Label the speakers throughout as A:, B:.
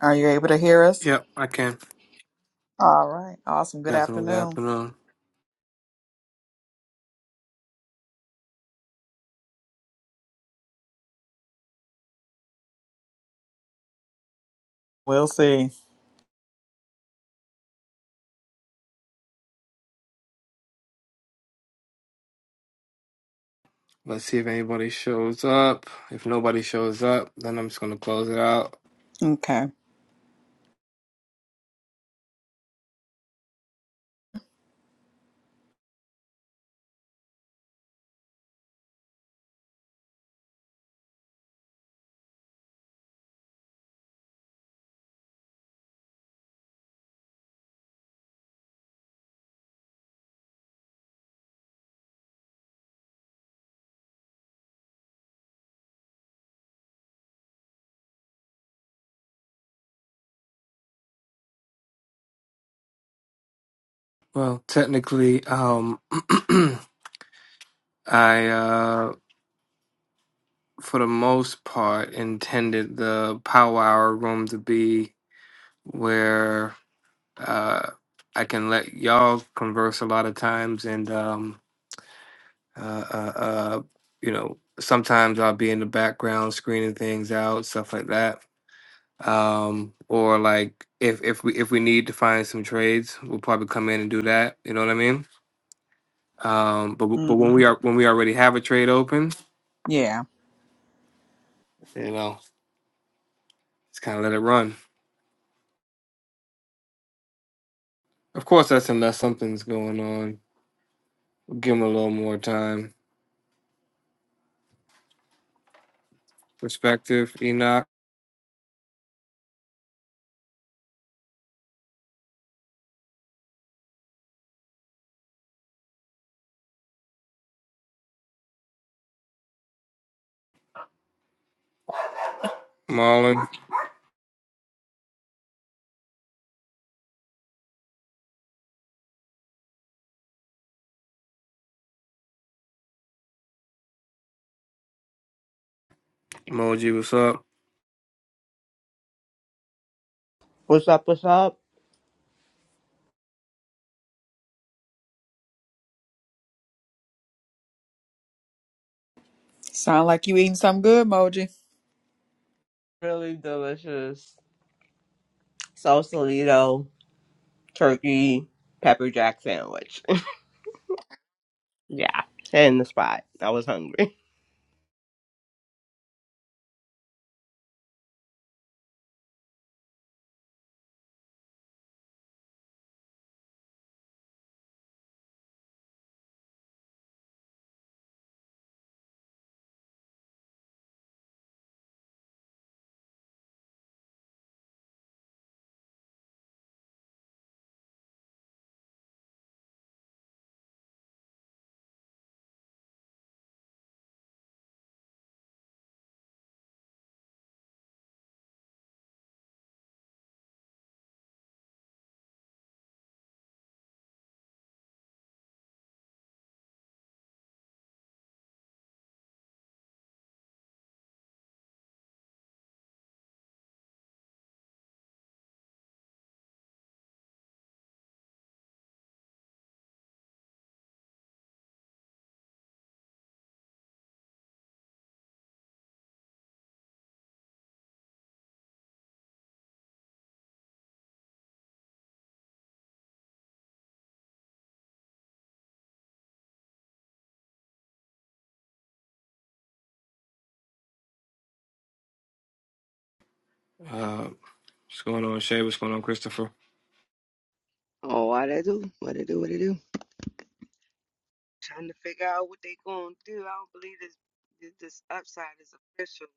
A: Are you able to hear us?
B: Yep, I can.
A: All right. Awesome.
B: Good
A: Good
B: afternoon, good
A: afternoon.
B: afternoon.
A: We'll see.
B: Let's see if anybody shows up. If nobody shows up, then I'm just gonna close it out.
A: Okay.
B: Well, technically, um I uh for the most part intended the power hour room to be where uh I can let y'all converse a lot of times and um uh uh, uh you know, sometimes I'll be in the background screening things out, stuff like that um, or like if if we if we need to find some trades, we'll probably come in and do that. You know what I mean? Um, but but
A: hmm
B: when we are when we already have a trade open,
A: Yeah.
B: you know, just kind of let it run. Of course, that's unless something's going on. We'll give them a little more time. Perspective, Enoch, Marlon, Emoji, what's up?
C: What's up? What's up?
A: Sound like you eating something good, Moji.
C: Really delicious Sausalito turkey pepper jack sandwich. Yeah, hit in the spot. I was hungry.
B: Uh, what's going on, Shay? What's going on, Christopher?
D: Oh, why they do? What they do? What they do? Trying to figure out what they gonna do. I don't believe this. This this upside is official.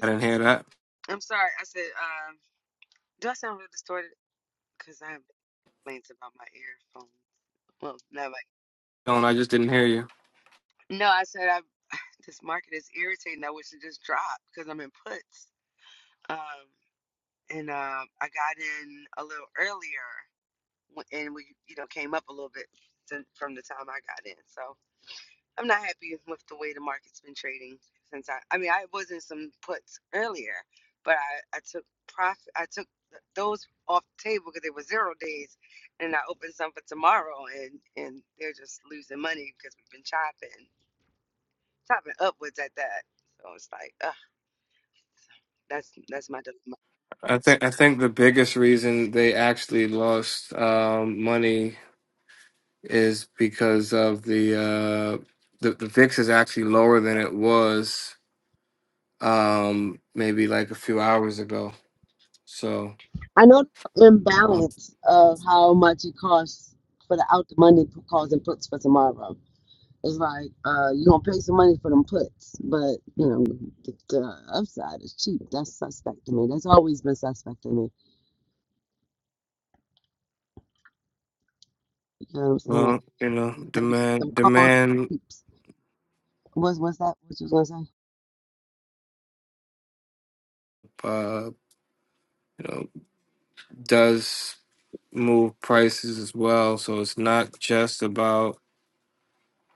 B: I didn't hear that.
D: I'm sorry. I said, um, do I sound real distorted? Cause I have complaints about my earphones. Well, not like.
B: No, I just didn't hear you.
D: No, I said I. This market is irritating. I wish it just dropped because I'm in puts. Um, and um, I got in a little earlier, w- and we, you know, came up a little bit since, from the time I got in. So. I'm not happy with the way the market's been trading since I. I mean, I was in some puts earlier, but I I took profit. I took th- those off the table because they were zero days, and I opened some for tomorrow, and and they're just losing money because we've been chopping, chopping upwards at that. So it's like, ugh, that's that's my dilemma.
B: I think I think the biggest reason they actually lost um, money is because of the uh the, the VIX is actually lower than it was um maybe like a few hours ago. So
D: I know the
B: uh,
D: imbalance of how much it costs for the out the money p- calls and puts for tomorrow. It's like uh, you gonna pay some money for them puts, but you know the, the upside is cheap. That's suspect to me. That's always been suspect to me. You know what I'm saying? Like
B: well, you know,
D: them,
B: demand
D: them calls
B: demand
D: cheaps. What's what's that? What you was gonna say?
B: uh you know does move prices as well. So it's not just about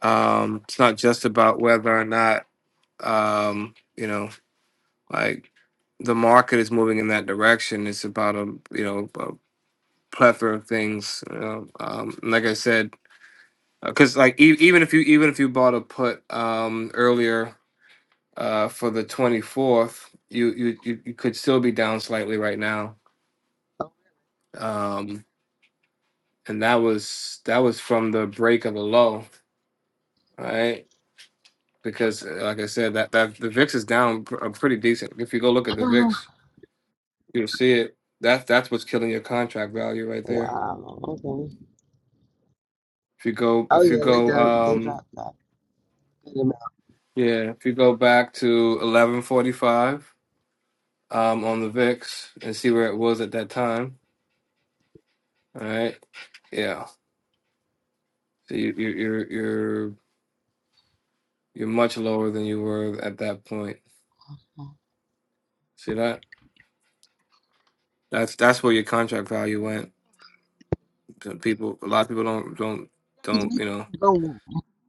B: um it's not just about whether or not um you know like the market is moving in that direction. It's about a you know a plethora of things. You know? um, and like I said, because like e- even if you even if you bought a put um, earlier uh, for the twenty fourth, you, you you you could still be down slightly right now.
D: Oh,
B: Um, and that was that was from the break of the low, right? Because uh, like I said, that that the VIX is down pr- uh, pretty decent. If you go look at the
D: really?
B: VIX, you'll see it. That's that's what's killing your contract value right there.
D: wow. Okay.
B: If you go
D: Oh
B: if you
D: yeah, they
B: go
D: done, they
B: um,
D: dropped that good amount.
B: Yeah, if you go back to 1145 um, on the VIX and see where it was at that time, all right? Yeah. So you, you, you're you're you're much lower than you were at that point. See that? That's that's where your contract value went. So People, a lot of people don't don't
D: 'Cause
B: don't
D: we
B: you know
D: didn't go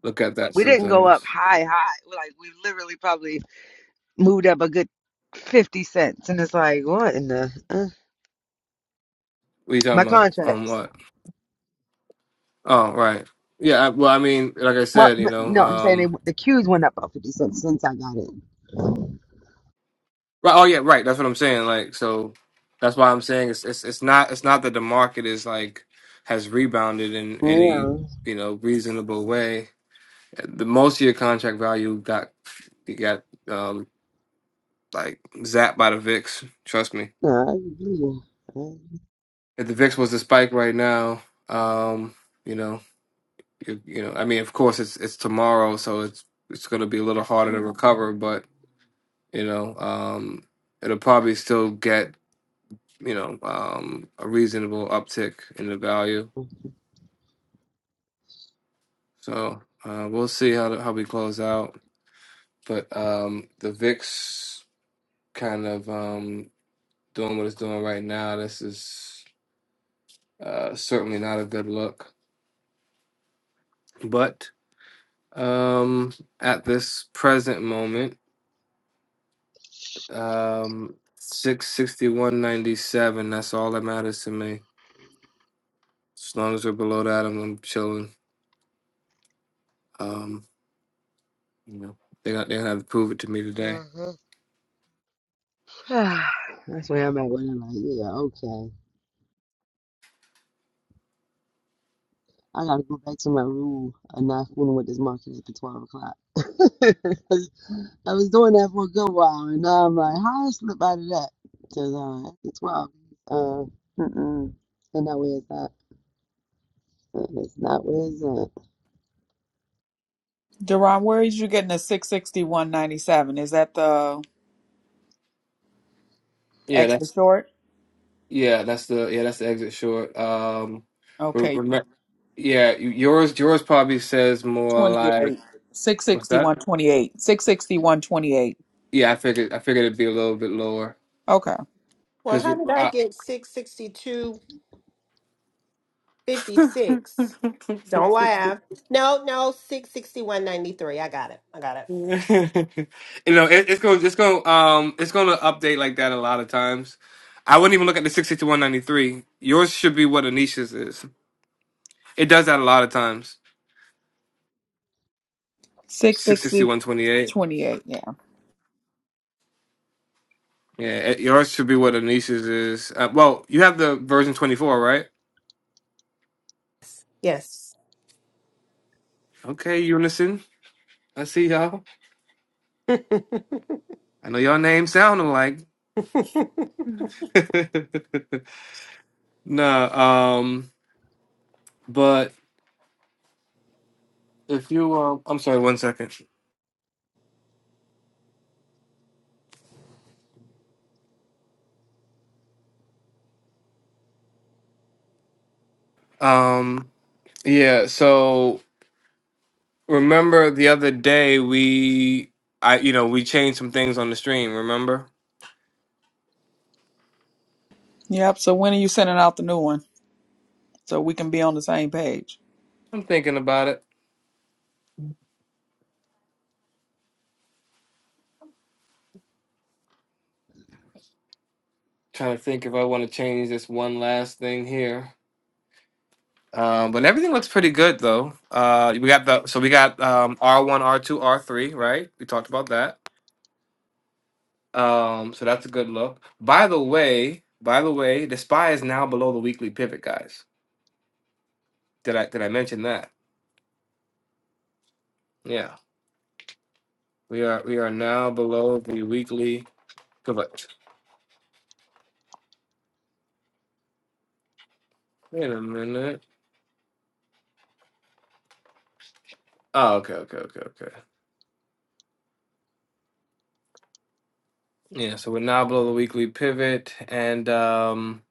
B: look at that
D: we didn't go up
B: sometimes.
D: high high. We Like we literally probably moved up a good fifty cents, and it's like what in the uh,
B: What are you
D: my
B: talking about? On
D: contracts.
B: what? Oh, right. Yeah. I, well, I mean, like I
D: Well,
B: said,
D: m-
B: you know.
D: no, I'm saying they,
B: Um,
D: the queues went up about 50 cents since I got in.
B: Right. Oh yeah. Right. That's what I'm saying. Like so, that's why I'm saying it's it's it's not it's not that the market is like has rebounded in any
D: Yeah.
B: you know reasonable way. The most of your contract value got you got um like zapped by the VIX. Trust me.
D: yeah, yeah.
B: If the VIX was the spike right now, um, you know, you, you know, I mean, of course it's it's tomorrow, so it's it's going to be a little harder to recover, but you know, um, it'll probably still get. you know, um, a reasonable uptick in the value. So uh, we'll see how the, how we close out. But um, the VIX kind of um, doing what it's doing right now. This is uh, certainly not a good look. But um, at this present moment, um, six sixty one ninety seven. That's all that matters to me. As long as we're below that, I'm, I'm chilling. Um, you know, they're not they're gonna have to prove it to me today.
D: That's where I'm at when I'm like, yeah, okay. I gotta go back to my rule of not fooling with this market at the 12 o'clock. 'Cause I was doing that for a good while, and now I'm like, how I slip out of that? Because at the 12, uh, mm-mm, and that way it's not, it's not where it's at.
A: Deron, where is you getting the 66197? Is that the
B: Yeah,
A: extra
B: that's
A: short?
B: Yeah, that's the yeah, that's the exit short. Um,
A: Okay.
B: remember, yeah, yours yours probably says more like
A: 28.
B: what's that?
A: 66128. 66128.
B: Yeah, I figured I figured it'd be a little bit lower
A: Okay.
E: Well,
B: because
E: how
B: you
E: did I get six sixty two fifty six? Don't laugh. No, no, six sixty one ninety three. I got it. I got it.
B: know it, it's gonna it's gonna um it's gonna update like that a lot of times. I wouldn't even look at the sixty to one ninety three. Yours should be what Anisha's is. It does that a lot of times. Six sixty one
A: 66028.
B: twenty eight.
A: Yeah.
B: Yeah, it- yours should be what Anisha's is. Uh, well, you have the version twenty four, right?
E: Yes.
B: Okay, Unison. I see y'all. I know y'all names sound alike. nah, um, but if you, um, I'm sorry, one second. Um, yeah, so remember the other day we, I, you know, we changed some things on the stream, remember?
A: Yep. So when are you sending out the new one so we can be on the same page?
B: I'm thinking about it. Trying to think if I want to change this one last thing here. Um, but everything looks pretty good though. Uh, we got the, so we got, um, R1, R2, R3, right? We talked about that. Um, so that's a good look. By the way, by the way, the SPY is now below the weekly pivot, guys. Did I did I mention that? Yeah. We are we are now below the weekly pivot. Wait a minute. Oh, okay, okay, okay, okay. Yeah, so we're now below the weekly pivot and um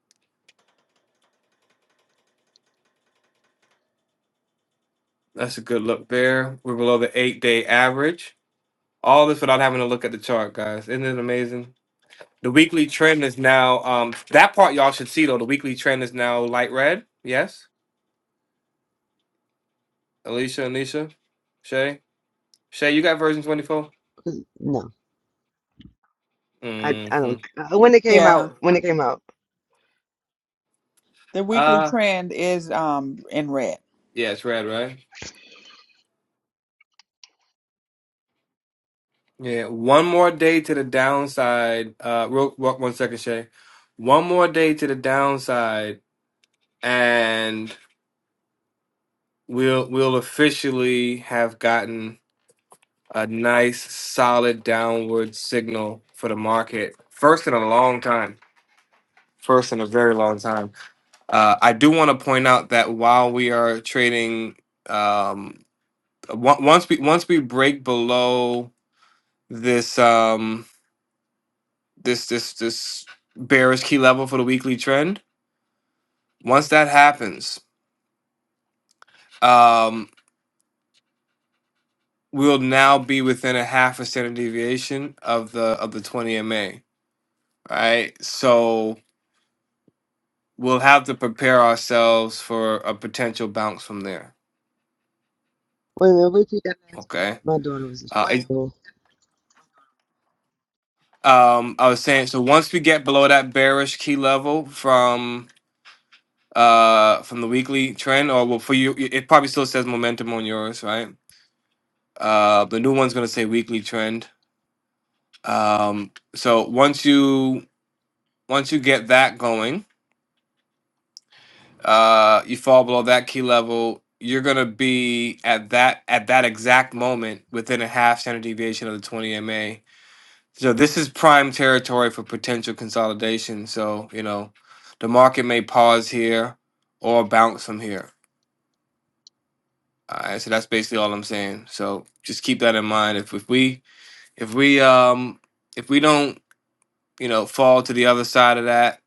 B: that's a good look there. We're below the eight day average. All this without having to look at the chart, guys. Isn't it amazing? The weekly trend is now um that part y'all should see though. The weekly trend is now light red. Yes. Alicia, Anisha, Shay. Shay, you got version 24?
D: 'Cause- No, I, I
B: Mm-hmm.
D: don't. uh, When it came
A: Yeah.
D: out, when it came out.
A: The weekly
B: Uh,
A: trend is um in red.
B: yeah, it's red, right? Yeah. One more day to the downside. Uh, real, real- one second, Shay. One more day to the downside, and we'll we'll officially have gotten a nice, solid downward signal for the market. First in a long time. First in a very long time. Uh, I do want to point out that while we are trading. um. on- once we once we break below this um this this this bearish key level for the weekly trend once that happens um we'll now be within a half a standard deviation of the of the 20 ma right so we'll have to prepare ourselves for a potential bounce from there
D: Wait a minute, repeat that last part.
B: okay
D: My daughter was
B: uh, it,
D: distracted.
B: um i was saying so once we get below that bearish key level from. uh from the weekly trend or well for you it probably still says momentum on yours right uh the new one's going to say weekly trend um so once you once you get that going uh you fall below that key level you're going to be at that at that exact moment within a half standard deviation of the 20 ma so this is prime territory for potential consolidation so you know the market may pause here or bounce from here All right, so that's basically all I'm saying. So just keep that in mind. If if we if we um if we don't you know fall to the other side of that,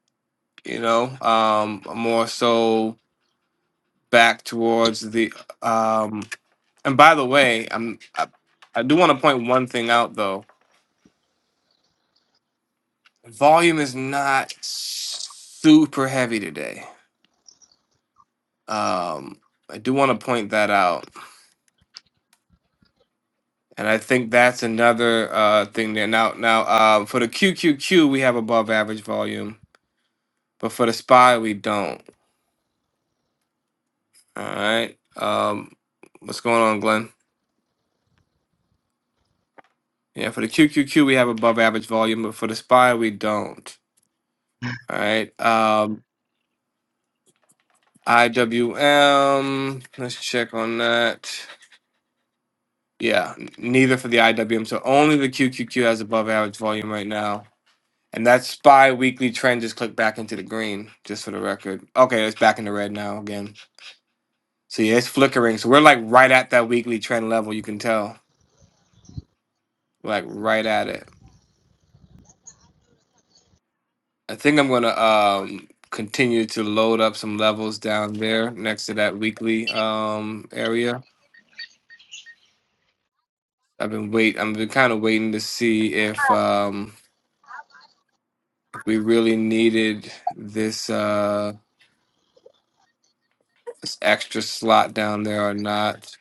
B: you know, um, more so back towards the um. And by the way, I'm I, I do want to point one thing out though. Volume is not super heavy today. Um, I do want to point that out, and I think that's another uh thing there. Now now uh for the QQQ we have above average volume But for the spy, we don't. All right. Um, what's going on, Glenn? Yeah, for the QQQ, we have above average volume, but for the spy, we don't. All right. Um, IWM, let's check on that. Yeah, n- neither for the IWM. So only the QQQ has above average volume right now. And that spy weekly trend just clicked back into the green, just for the record. Okay, it's back in the red now again. So yeah, it's flickering. So we're like right at that weekly trend level. You can tell, like right at it. I think I'm gonna um continue to load up some levels down there next to that weekly um area. I've been wait I've been kind of waiting to see if um we really needed this uh this extra slot down there or not.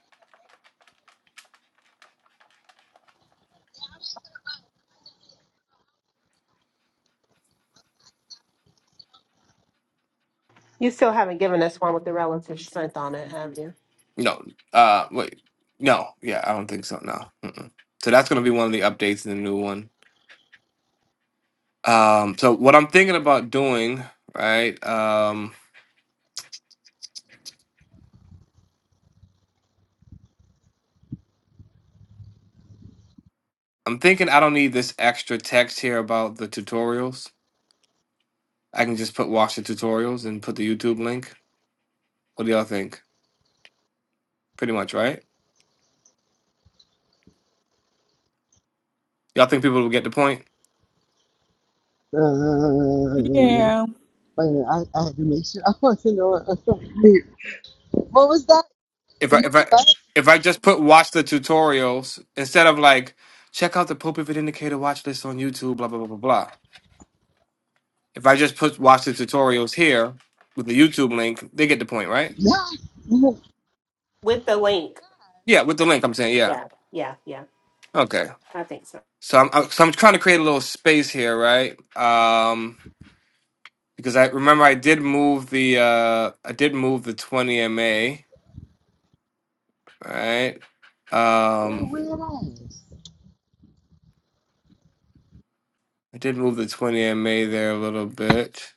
E: you still haven't given us one with the relative strength on it, have you?
B: No. Uh wait. No. Yeah, I don't think so. No. Mm-mm. So that's going to be one of the updates in the new one. Um so what I'm thinking about doing, right? Um I'm thinking I don't need this extra text here about the tutorials. I can just put watch the tutorials and put the YouTube link. What do y'all think? Pretty much, right? Y'all think people will get the point?
D: Uh,
A: Yeah.
D: wait a minute, I, I had to make sure I want to know. What what was that?
B: If I
D: You
B: if I
D: What?
B: if I just put watch the tutorials instead of like check out the Pope Pivot Indicator watch list on YouTube, blah blah blah blah blah. If I just put watch the tutorials here with the YouTube link, they get the point, right?
D: Yeah.
E: With the link.
B: Yeah, with the link, I'm saying yeah.
E: Yeah. Yeah. Yeah.
B: Okay,
E: I think so.
B: so I'm I'm- so I'm trying to create a little space here, right? Um, because I remember I did move the uh I did move the 20 MA All right.
D: You're
B: Um,
D: weird ass.
B: I did move the 20MA there a little bit.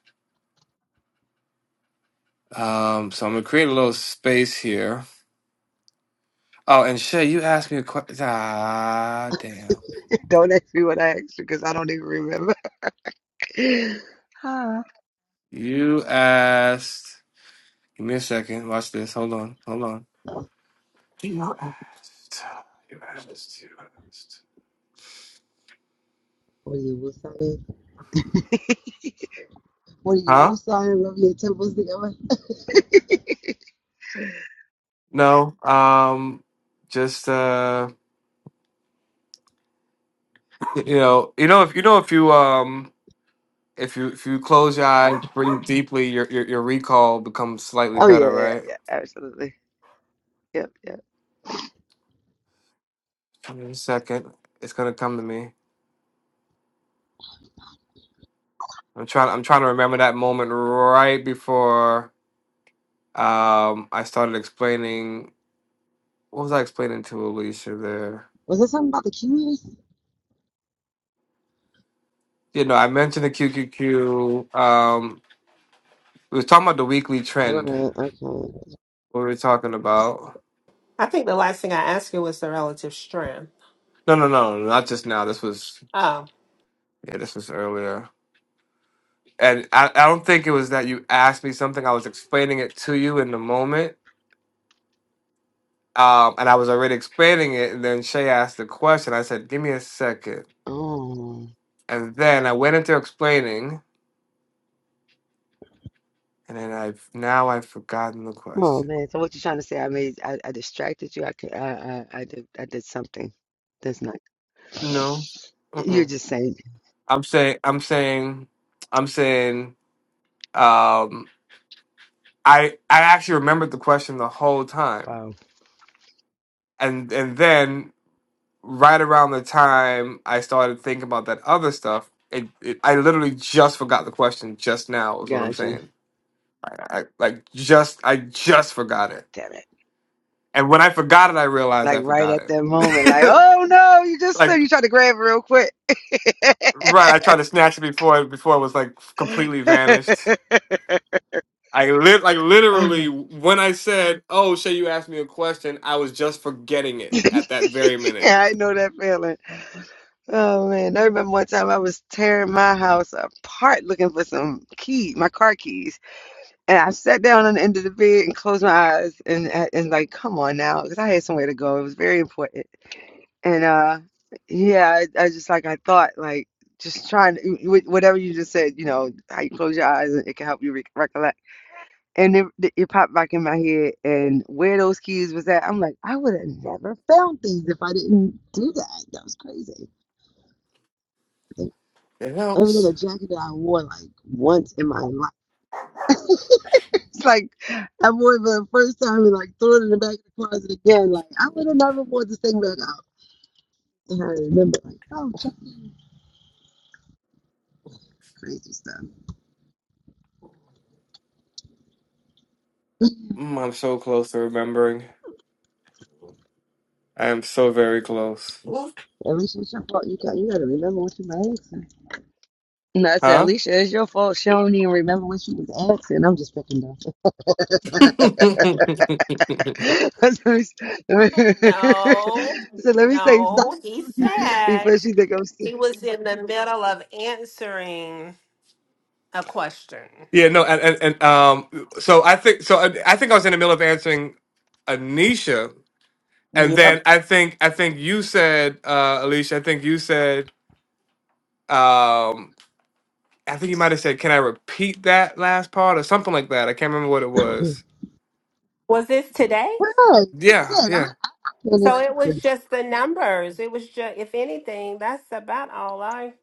B: Um, so I'm gonna create a little space here. Oh, and Shay, you asked me a question. Ah, damn.
D: Don't ask me what I asked because I don't even remember. Huh.
B: You asked. Give me a second. Watch this. Hold on. Hold on.
D: What
B: You asked. You asked. You asked.
D: are you, Wu-Sang? What are you,
B: Huh?
D: Wu-Sang? Rub your temples together?
B: No. Um. Just uh. You know. You know. If you know. If you um. If you if you close your eyes, breathe deeply, your your, your recall becomes slightly
D: Oh, yeah,
B: better,
D: yeah, yeah,
B: right?
D: yeah, absolutely. Yep, yep.
B: Give me a second. It's gonna come to me. I'm trying I'm trying to remember that moment right before um I started explaining what was I explaining to Alicia there?
D: Was there something about the cues?
B: You know, I mentioned the QQQ. Um we was talking about the weekly
D: Right,
B: trend.
D: okay.
B: What were we talking about?
E: I think the last thing I asked you was the relative strength.
B: No, no, no, no, not just now. This was
E: Oh,
B: yeah, this was earlier and I, I don't think it was that you asked me something. I was explaining it to you in the moment, Um, and I was already explaining it, and then Shay asked the question. I said, "Give me a second,"
D: Oh.
B: and then I went into explaining, and then I've now I've forgotten the
D: Oh
B: question.
D: man, so what you trying to say? I made I, I distracted you. I could I, I I did I did something that's not.
B: No,
D: You're
B: Mm-mm.
D: just saying,
B: I'm saying I'm saying I'm saying um, I I actually remembered the question the whole time,
D: wow,
B: and and then right around the time I started thinking about that other stuff. It, it, I literally just forgot the question just now. Is what I'm
D: gotcha.
B: saying. I, like just, I just forgot it.
D: Damn it!
B: And when I forgot it, I realized
D: Like
B: I
D: right
B: forgot
D: at
B: it.
D: that moment, like oh no, you just
B: like
D: slipped. you tried to grab it real quick.
B: right, I tried to snatch it before before it was like completely vanished. I lit like
D: Uh-huh.
B: literally when I said, "Oh, Shay, you asked me a question," I was just forgetting it at that very minute.
D: Yeah, I know that feeling. Oh man, I remember one time I was tearing my house apart looking for some key, my car keys. And I sat down on the end of the bed and closed my eyes and and like, come on now, because I had somewhere to go. It was very important. And uh, yeah, I, I just like I thought like just trying to, you- whatever you just said, you know, how you close your eyes and it can help you re- recollect. And it, it it popped back in my head and where those keys was at. I'm like, I would have never found these if I didn't do that. That was crazy. Like,
B: It
D: it was in
B: helps.
D: a jacket that I wore like once in my life. It's like I wore it for the first time and like threw it in the back of the closet again. Like I would have never wore this thing back out. And I remember like, oh, Chucky, crazy stuff.
B: Mm, I'm so close to remembering. I am so very close.
D: Alicia, it's your fault. You got you got to remember what you were asking. And I said,
B: Huh?
D: Alicia, it's your fault. She don't even remember what she was asking. I'm just picking up.
B: yeah,
D: so
E: no,
D: let me say something
E: no. He said
D: before she think I'm sick.
E: he was in the middle of answering a question.
B: no, and, and and um, so I think so. I, I think I was in the middle of answering Anisha And
A: Yep.
B: then I think I think you said, uh, Alicia, I think you said, um, I think you might have said, "Can I repeat that last part?" or something like that. I can't remember what it was.
E: Was this today?
D: Well, that's what I
B: Yeah,
D: said. I, I
B: yeah,
D: can't even
E: So it was
D: remember.
E: just the numbers. It was just, if anything, that's about all I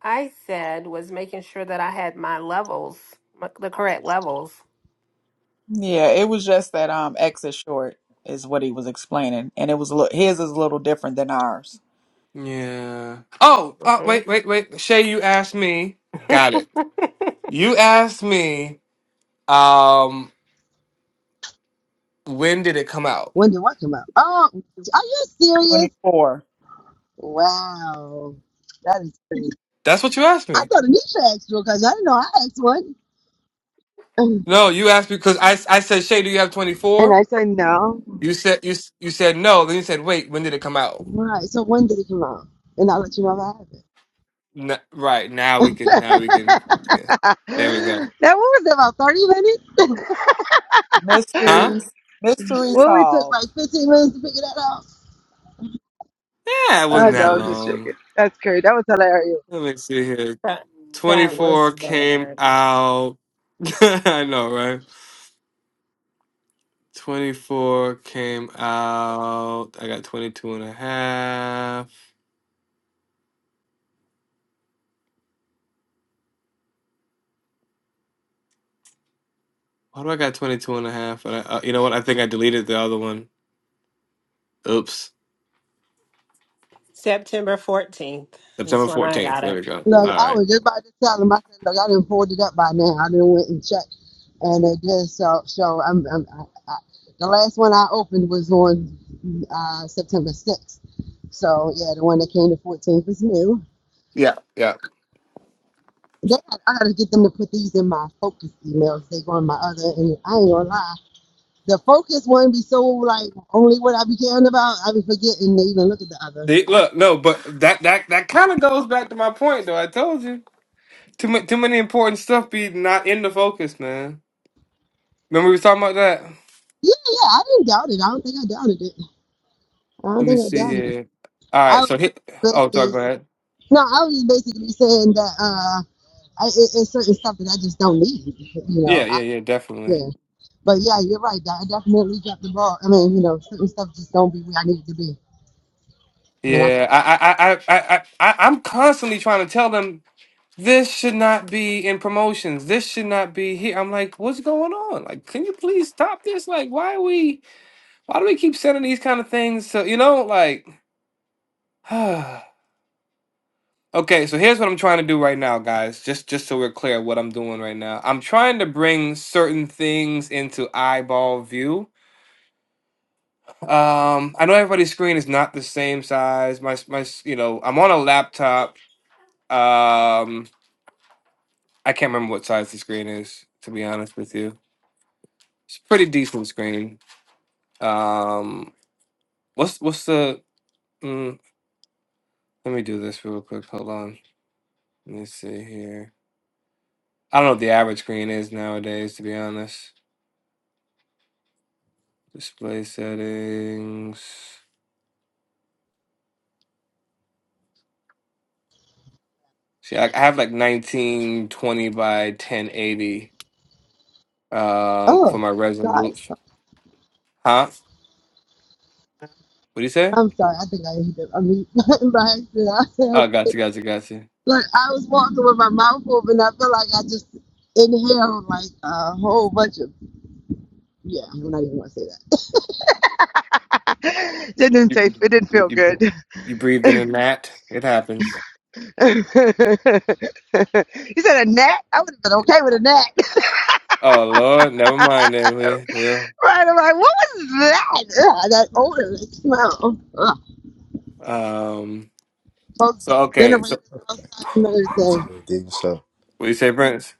E: I said was making sure that I had my levels, my, the correct levels.
A: Yeah, it was just that um X is short is what he was explaining, and it was a little, his is a little different than ours.
B: yeah. Oh, oh,
E: hmm
B: wait, wait, wait. Shay, you asked me.
E: that,
B: Got it. You asked me. Um, when did it come out?
D: When did what come out? Oh, are you serious?
A: Twenty four
D: Wow. That is crazy.
B: That's what you asked
D: I
B: me.
D: thought Anisha asked you because I didn't know I asked one.
B: No, you asked me because I I said, Shay, do you have twenty
D: And
B: four?
D: I said no.
B: You said you s- you said no. Then you said, wait, when did it come out?
D: Right. So when did it come out? And I'll let you know if
B: N- right now we
D: I
B: can
D: have
B: now
D: it.
B: we can yeah. There we go.
D: that what was it, about 30 minutes?
B: Huh?
A: mysteries mystery
D: well, we took like
A: solved.
D: 15 minutes to figure that out.
B: Yeah, it
D: I
B: wasn't that
D: know, I'm just joking.
B: long.
D: That's crazy. That was hilarious.
B: Let me see here. Twenty
E: that was
B: four came
E: bad.
B: out. I know, right? Twenty four came out. I got 22 and a half Why do I got twenty two and a half and And I, uh, you know what? I think I deleted the other one. Oops.
E: September 14th
B: September
E: is when I
B: 14th.
E: got
B: There
E: it.
B: we go.
D: Look,
B: All
D: I
B: right.
D: was just about to tell him. I said, look, I didn't pulled it up by now. I didn't went and checked, and it just So, so I'm, I'm I, I, the last one I opened was on uh, September 6th. So yeah, the one that came to 14th is new.
B: Yeah, yeah.
D: They got, I gotta get them to put these in my focus emails. They go on my other, and I ain't gonna lie. The focus one be so like only what I be caring about. I be forgetting to even look at the other.
B: See, look, no, but that that that kind of goes back to my point, though. I told you. Too much, too many important stuff be not in the focus, man. Remember we was talking about that?
D: Yeah, yeah, I didn't doubt it. I don't think I doubted it. I don't
B: Let me
D: think I
B: see
D: doubted it.
B: here. All right,
D: I
B: so hit.
D: was
B: Oh, sorry, go
D: busy.
B: ahead.
D: No, I was just basically saying that uh, I, it, it's certain stuff that I just don't need. You know,
B: Yeah,
D: I,
B: yeah, yeah, definitely.
D: yeah. But yeah, you're right. I definitely dropped the ball. I mean, you know, certain stuff just don't be where I need it to be. And I'll be,
B: Yeah,
D: like,
B: I, I, I, I, I, I- I'm constantly trying to tell them this should not be in promotions. This should not be here. I'm like, what's going on? Like, can you please stop this? Like, why are we? Why do we keep sending these kind of things? So you know, like. Okay, so here's what I'm trying to do right now, guys. Just just so we're clear what I'm doing right now. I'm trying to bring certain things into eyeball view. Um, I know everybody's screen is not the same size. My s- my s- you know, I'm on a laptop. Um, I can't remember what size the screen is, to be honest with you. It's a pretty decent screen. Um, what's what's the mm, let me do this real quick. Hold on. Let me see here. I don't know what the average screen is nowadays, to be honest. Display settings. See, I I have like 1920 by 1080 um,
D: oh,
B: for my
D: God.
B: resolution. Huh? What do you say?
D: I'm sorry. I think I hit the, I mean, by accident. I said,
B: Oh, gotcha,
D: okay.
B: gotcha, gotcha.
D: Like, I was walking with my mouth open. I feel like I just inhaled like a whole bunch of, yeah, I'm not even going to say that. That didn't
B: You,
D: taste, it didn't feel
B: you,
D: good.
B: you breathed in a gnat. It happens.
D: you said a gnat? I would have been okay with a gnat.
B: Oh Lord, never mind then. We will.
D: right? I'm like, what was that? Ugh,
B: Um.
D: Folks got
B: So okay.
D: generators
B: So
F: What's
D: outside.
F: good, dig? What's up?
B: what do you say, Prince?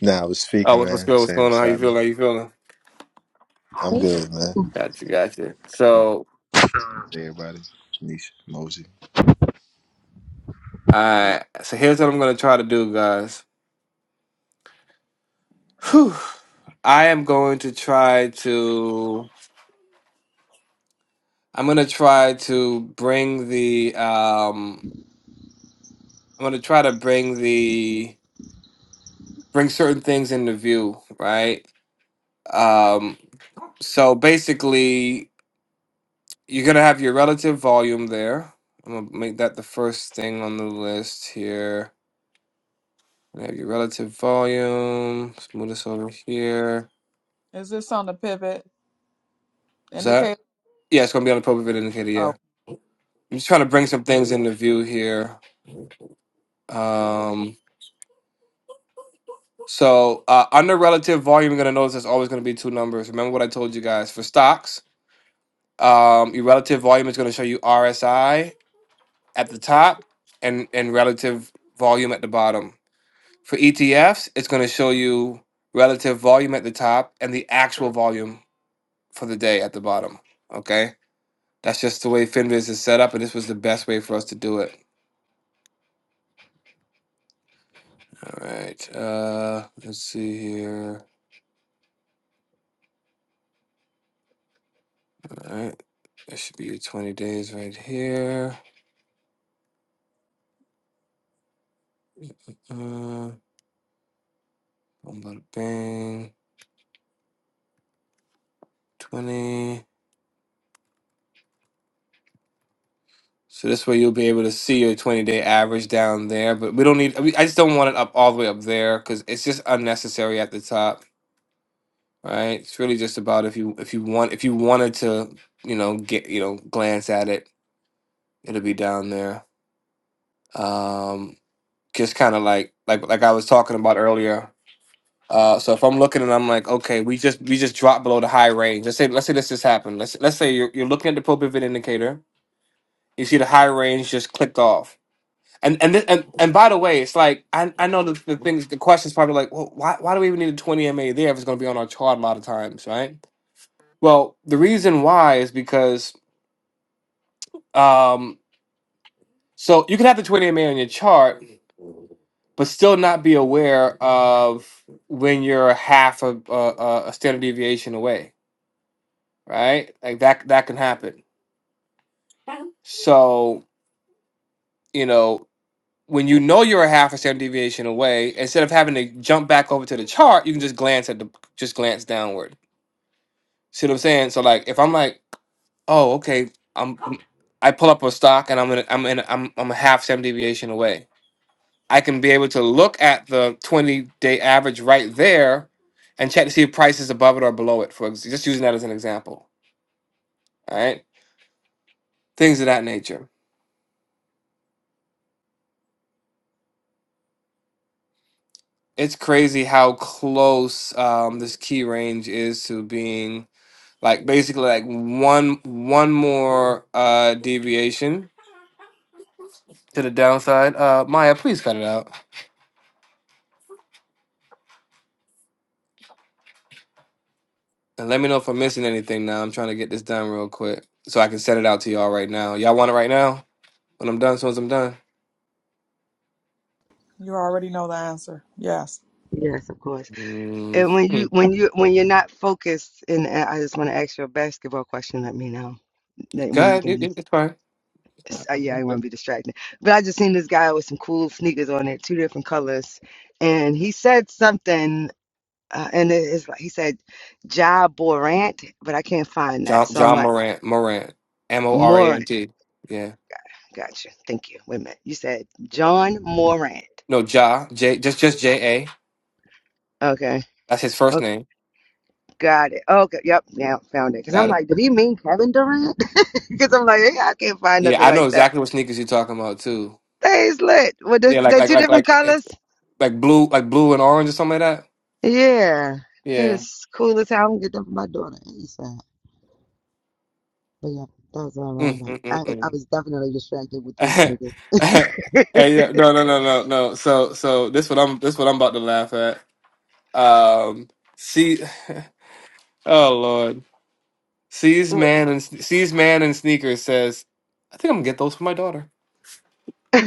F: Nah, I was
B: Oh,
F: speaking,
B: what- what's
F: man.
B: good? What's
F: Saying
B: going
F: what's
B: on? How you
F: happening.
B: feeling? How you feeling?
F: I'm good, man.
B: Gotcha, gotcha. So
F: Hey, everybody. Nisha, Mosey.
A: Hello,
B: I. So here's what I'm gonna try to do, guys. Whew. I am going to try to. I'm going to try to bring the. Um, I'm going to try to bring the bring certain things into view, right? Um, so basically, you're going to have your relative volume there. I'm going to make that the first thing on the list here. You have your relative volume. Let's move this over here.
A: is this on the pivot
B: What's that?
A: indicator?
B: Yeah, it's going to be on the appropriate indicator.
A: Oh,
B: Yeah, I'm just trying to bring some things into view here. Um, So uh, under relative volume, you're gonna notice there's always gonna be two numbers. Remember what I told you guys for stocks. Um, your relative volume is gonna show you RSI at the top and and relative volume at the bottom. For ETFs, it's gonna show you relative volume at the top and the actual volume for the day at the bottom. Okay, that's just the way Finviz is set up, and this was the best way for us to do it. All right, uh, let's see here. All right, that should be your 20 days right here. Uh, Boom, bada bang. 20. So this way you'll be able to see your 20 day average down there, but we don't need, I mean, I just don't want it up all the way up there because it's just unnecessary at the top, right? It's really just about if you, if you want, if you wanted to, you know, get, you know, glance at it, it'll be down there. Um, just kind of like, like, like I was talking about earlier. Uh, so if I'm looking and I'm like, okay, we just, we just dropped below the high range. Let's say, let's say this just happened. Let's, let's say you're, you're looking at the pro pivot indicator You see the high range just clicked off. And and this, and and by the way, it's like I I know the, the things the question's probably like, well, why why do we even need a twenty MA there if it's going to be on our chart a lot of times, right? Well, the reason why is because um so you can have the twenty MA on your chart, but still not be aware of when you're half a a, a a standard deviation away, right? Like that that can happen. So you know when you know you're a half a standard deviation away, instead of having to jump back over to the chart, you can just glance at the just glance downward. See what I'm saying? So like, if I'm like, oh, okay, I'm I pull up a stock and I'm in, I'm in, I'm I'm a half standard deviation away. I can be able to look at the 20 day average right there, and check to see if price is above it or below it. For ex- just using that as an example, all right? Things of that nature. It's crazy how close um, this key range is to being like basically like one one more uh deviation to the downside uh maya please cut it out and let me know if i'm missing anything now i'm trying to get this done real quick so i can send it out to y'all right now y'all want it right now when i'm done as soon as i'm done
A: you already know the answer. Yes,
D: Yes, of course.
B: mm
D: And when you
B: mm.
D: when you when you're not focused, and uh, I just want to ask you a basketball question. Let me know that
B: go
D: when you
B: ahead it,
D: can.
B: it- it's fine
D: Uh, yeah, I want to be distracted. But I just seen this guy with some cool sneakers on it, two different colors, and he said something, uh, and it- it's like he said, "Ja Borant," but I can't find that.
B: john
D: So I'm
B: john morant morant
D: like,
B: m-o-r-a-n-t yeah
D: Gotcha. Thank you. Wait a minute. You said John Morant.
B: no ja j just just j-a
D: Okay.
B: that's his first
D: Okay.
B: name
D: Got it. Okay. Yep. Now Found it. Cause I'm
B: got it
D: like, did he mean Kevin Durant? Cause I'm like, yeah, I can't find
B: yeah
D: nothing
B: i know
D: like that.
B: exactly what sneakers you're talking about too
D: That is lit. With the,
B: yeah like
D: the
B: like
D: two
B: like
D: different
B: like
D: colors.
B: like blue, like blue and orange or something like that.
D: Yeah. They
B: Yeah.
D: was cool as hell. I'm gonna get them for my daughter. ASAP. But yeah, that was all right. I'm
B: Mm,
D: like, I,
B: mm,
D: I
B: mm,
D: was definitely distracted with those
B: mm.
D: niggas.
B: hey, yeah, no, no, no, no, no. So, so this what I'm, this what I'm about to laugh at. Um, see, oh lord, sees
D: Wh-
B: man and sees man in sneakers says, I think I'm gonna get those for my daughter.
D: I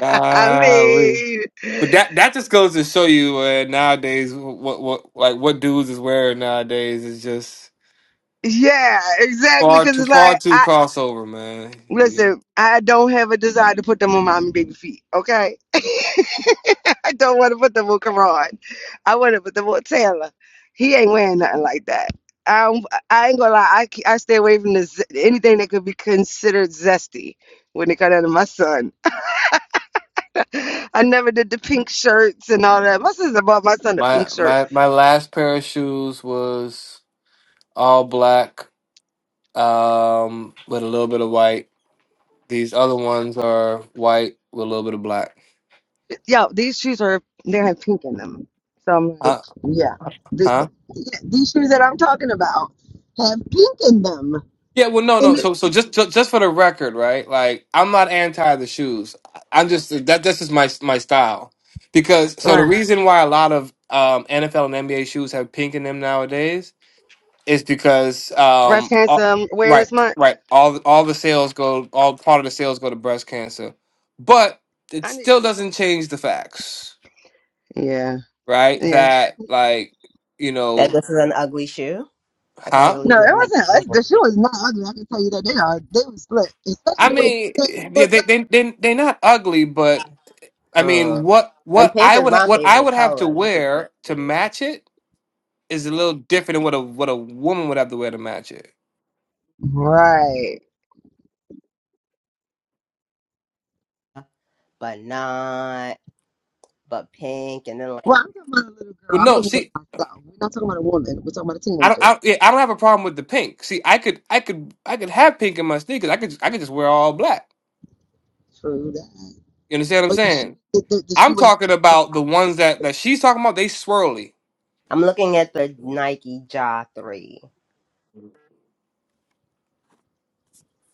B: Golly.
D: mean,
B: But that that just goes to show you uh, nowadays what what like what dudes is wearing nowadays is just
D: yeah, exactly.
B: far
D: Because
B: too
D: it's like
B: far
D: I
B: too crossover, man.
D: Listen, I don't have a desire to put them on mommy baby feet, okay? I don't want to put them on Karan. I want to put them on Taylor. He ain't wearing nothing like that. I, don't- I ain't gonna lie, I, ke- I stay away from the, z- anything that could be considered zesty when it comes down to my son. I never did the pink shirts and all that. My sister bought my son a
B: My
D: pink shirt.
B: my my last pair of shoes was all black, um, with a little bit of white. These other ones are white with a little bit of black.
D: Yo, these shoes are, they have pink in them. So I'm like,
B: Uh,
D: yeah. The- the-
B: huh?
D: yeah, these shoes that I'm talking about have pink in them.
B: Yeah. Well, no, no. So so just ju- just for the record, right? Like I'm not anti the shoes. I'm just that this is my my style because so the
D: Uh,
B: reason why a lot of um, NFL and NBA shoes have pink in them nowadays is because
D: breast
B: um all,
D: cancer
B: right
D: awareness month.
B: right all all the sales go all part of the sales go to breast cancer but it
D: I knew you
B: still
D: were
B: doesn't change the facts
D: gonna. Yeah,
B: right
D: yeah.
B: that like you
C: That
B: know
C: this is an ugly shoe. I can't
B: huh
C: believe
D: No, it
C: y'all made me
D: wasn't us.
C: Google.
D: The shoe is not ugly. I can tell you that they are. They were split, especially
B: i
D: the way you
B: mean
D: had them
B: yeah,
D: looked
B: they
D: up.
B: they they they're not ugly but i
C: Uh,
B: mean what
C: and
B: what
C: pink
B: i
C: is
B: would ha-
C: my
B: what i
C: favorite
B: would have to
C: color. This is her,
B: wear to
C: thing,
B: match it is a little different than what a what a woman would have to wear to match it
D: Right.
C: but not, but pink. And then
D: Well,
C: like
D: I'm talking about a little girl.
B: well
D: I
B: no
D: wouldn't wear
B: see
D: it myself. We're not talking about a woman. We're talking about a
B: I don't,
D: teenager.
B: I, yeah, I don't have a problem with the pink. See, I could, I could, I could have pink in my sneakers. I could, I could just wear all black.
D: True that.
B: You understand what I'm
D: But the shoe,
B: saying?
D: the, the, the
B: I'm
D: shoe has
B: talking
D: have the
B: about
D: black
B: the
D: in it.
B: ones
D: in
B: that
D: order
B: that
D: to
B: she's
D: fit
B: talking
D: that.
B: about. They swirly.
C: I'm looking at the Nike Jaw Three.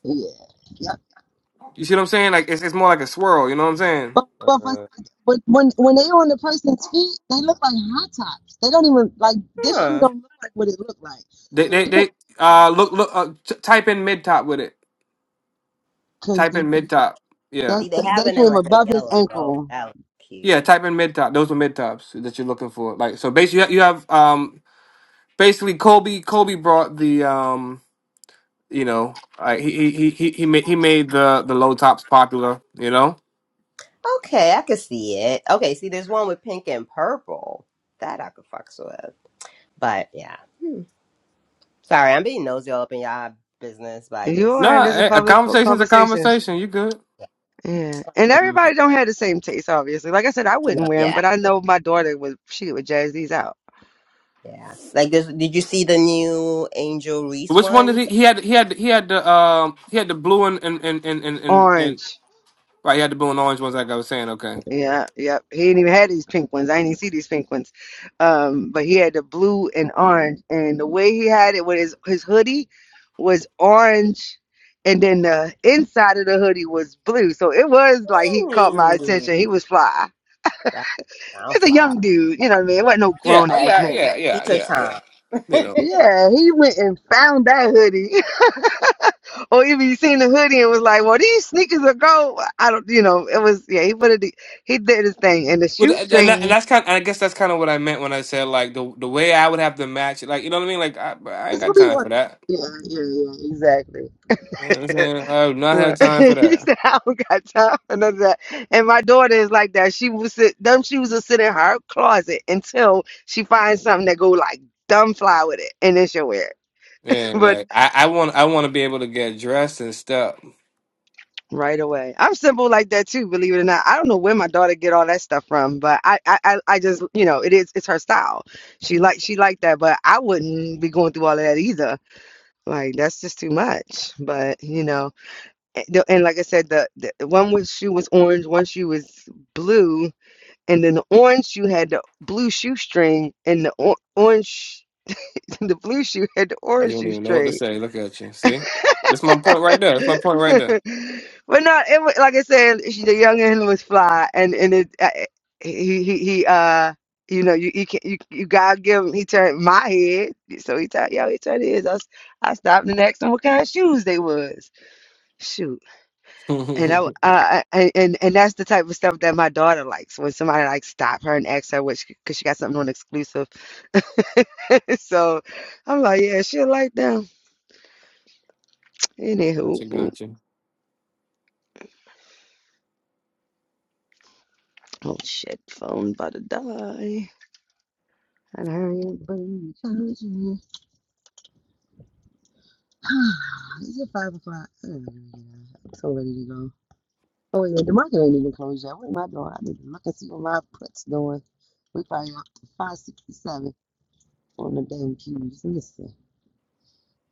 D: Yeah. yep.
B: You see what I'm saying? Like it's, it's more like a swirl. You know what I'm saying?
D: But but for,
C: Uh,
D: but when when they on the person's feet, they look like high tops. They don't even like this shoe.
C: huh.
D: Don't look like what it looked like.
B: They, they, they. Uh, look, look. Uh, t- type in mid top with it.
D: because
B: Type
D: the
B: in mid top.
D: that
B: Yeah,
C: See, they have
D: they
C: it in
D: came
C: like a
D: above his
C: yellow and gold.
D: ankle.
C: That looks cute.
B: yeah. Type in mid top. Those are mid tops that you're looking for. Like so, basically, you have, you have um, basically Kobe. Kobe brought the um. You know, I, he he he he made he made the the low tops popular. You know,
C: Okay, I could see it. Okay, see, there's one with pink and purple that I could fuck with. But yeah, hmm. sorry, I'm being nosy all up in y'all business. But I
D: You
C: just,
B: no,
D: are. and
B: nah,
D: This is a
B: eh, a
D: public co-
B: conversation's a
D: conversation.
B: conversation. You good?
D: Yeah, and
C: um,
D: everybody don't have the same taste, obviously. Like I said, I wouldn't
C: no,
D: wear them,
C: yeah,
D: but I know my daughter would. She would jazz these out.
C: yeah. Like, this, did you see the new Angel Reese
B: Which one did
C: ones?
B: he he had he had he had the um he had the blue and and and and and, and, and
D: Orange.
B: right he had the blue and orange ones like I was saying. Okay.
D: Yeah, yep. He didn't even had these pink ones. I didn't even see these pink ones. Um, but he had the blue and orange, and the way he had it with his his hoodie was orange, and then the inside of the hoodie was blue. So it was like he caught my
C: Ooh,
D: attention. He was fly.
C: that sounds
D: It's a
C: fly.
D: young dude, you know what I mean? It wasn't no
B: Yeah.
D: grown
B: Oh,
D: ass
B: yeah.
D: man.
B: Yeah.
C: He
B: Yeah.
C: took
B: Yeah. Yeah.
C: time.
B: You
C: and,
B: know.
C: uh,
D: Yeah, he went and found that hoodie. or even he seen the hoodie and was like, Well, these sneakers are gold. I don't you know, it was yeah, he put it he did his thing and the
B: But uh, and that, and
D: shoestrings
B: that's kind. I guess that's kind of what I meant when I said like the the way I would have to match it. Like you know what I mean. Like I, I ain't
D: it's gonna
B: got
D: be
B: time for
D: one.
B: that.
D: Yeah, yeah, yeah, exactly.
B: You know what I'm saying I do not
D: Right.
B: have time for
D: he
B: that.
D: said, I don't got time for none of that. And my daughter is like that. She will sit, them shoes will sit in her closet until she finds something that go like dumb fly with it. And then she'll wear it.
B: Yeah,
D: But
B: like I, I want I want to be able to get dressed and stuff.
D: Right away. I'm simple like that too, believe it or not. I don't know where my daughter get all that stuff from, but I I, I I just you know, it is it's her style. She like she like that, but I wouldn't be going through all of that either. Like that's just too much. But you know, and, the- and like I said, the, the one with shoe was orange, one shoe was blue, and then the orange shoe had the blue shoestring, and the or- orange the blue shoe had the
B: You
D: orange
B: don't even know what to
D: shoestring.
B: say. Look at you. See? That's my point right there. That's my point right
D: but
B: there.
D: not it, wa- like I said, she, the young and was fly, and and it uh, he he he uh you know you you can you you God give him he turned my head so he turned yo he turned his I, s- I stopped and asked him what kind of shoes they was shoot and I uh and and and that's the type of stuff that my daughter likes when somebody like stop her and ask her what because she, 'cause she got something on exclusive so I'm like yeah she like them anywho
B: gotcha,
D: oh
B: gotcha.
D: oh, shit phone about to die And hurry up, please. Is it five o'clock? I don't know, man. I'm so ready to go. Oh wait, wait, the market ain't even closed yet. What am I doing? I need to look and see what my put's doing. We probably up to five sixty-seven on the damn cues. Listen,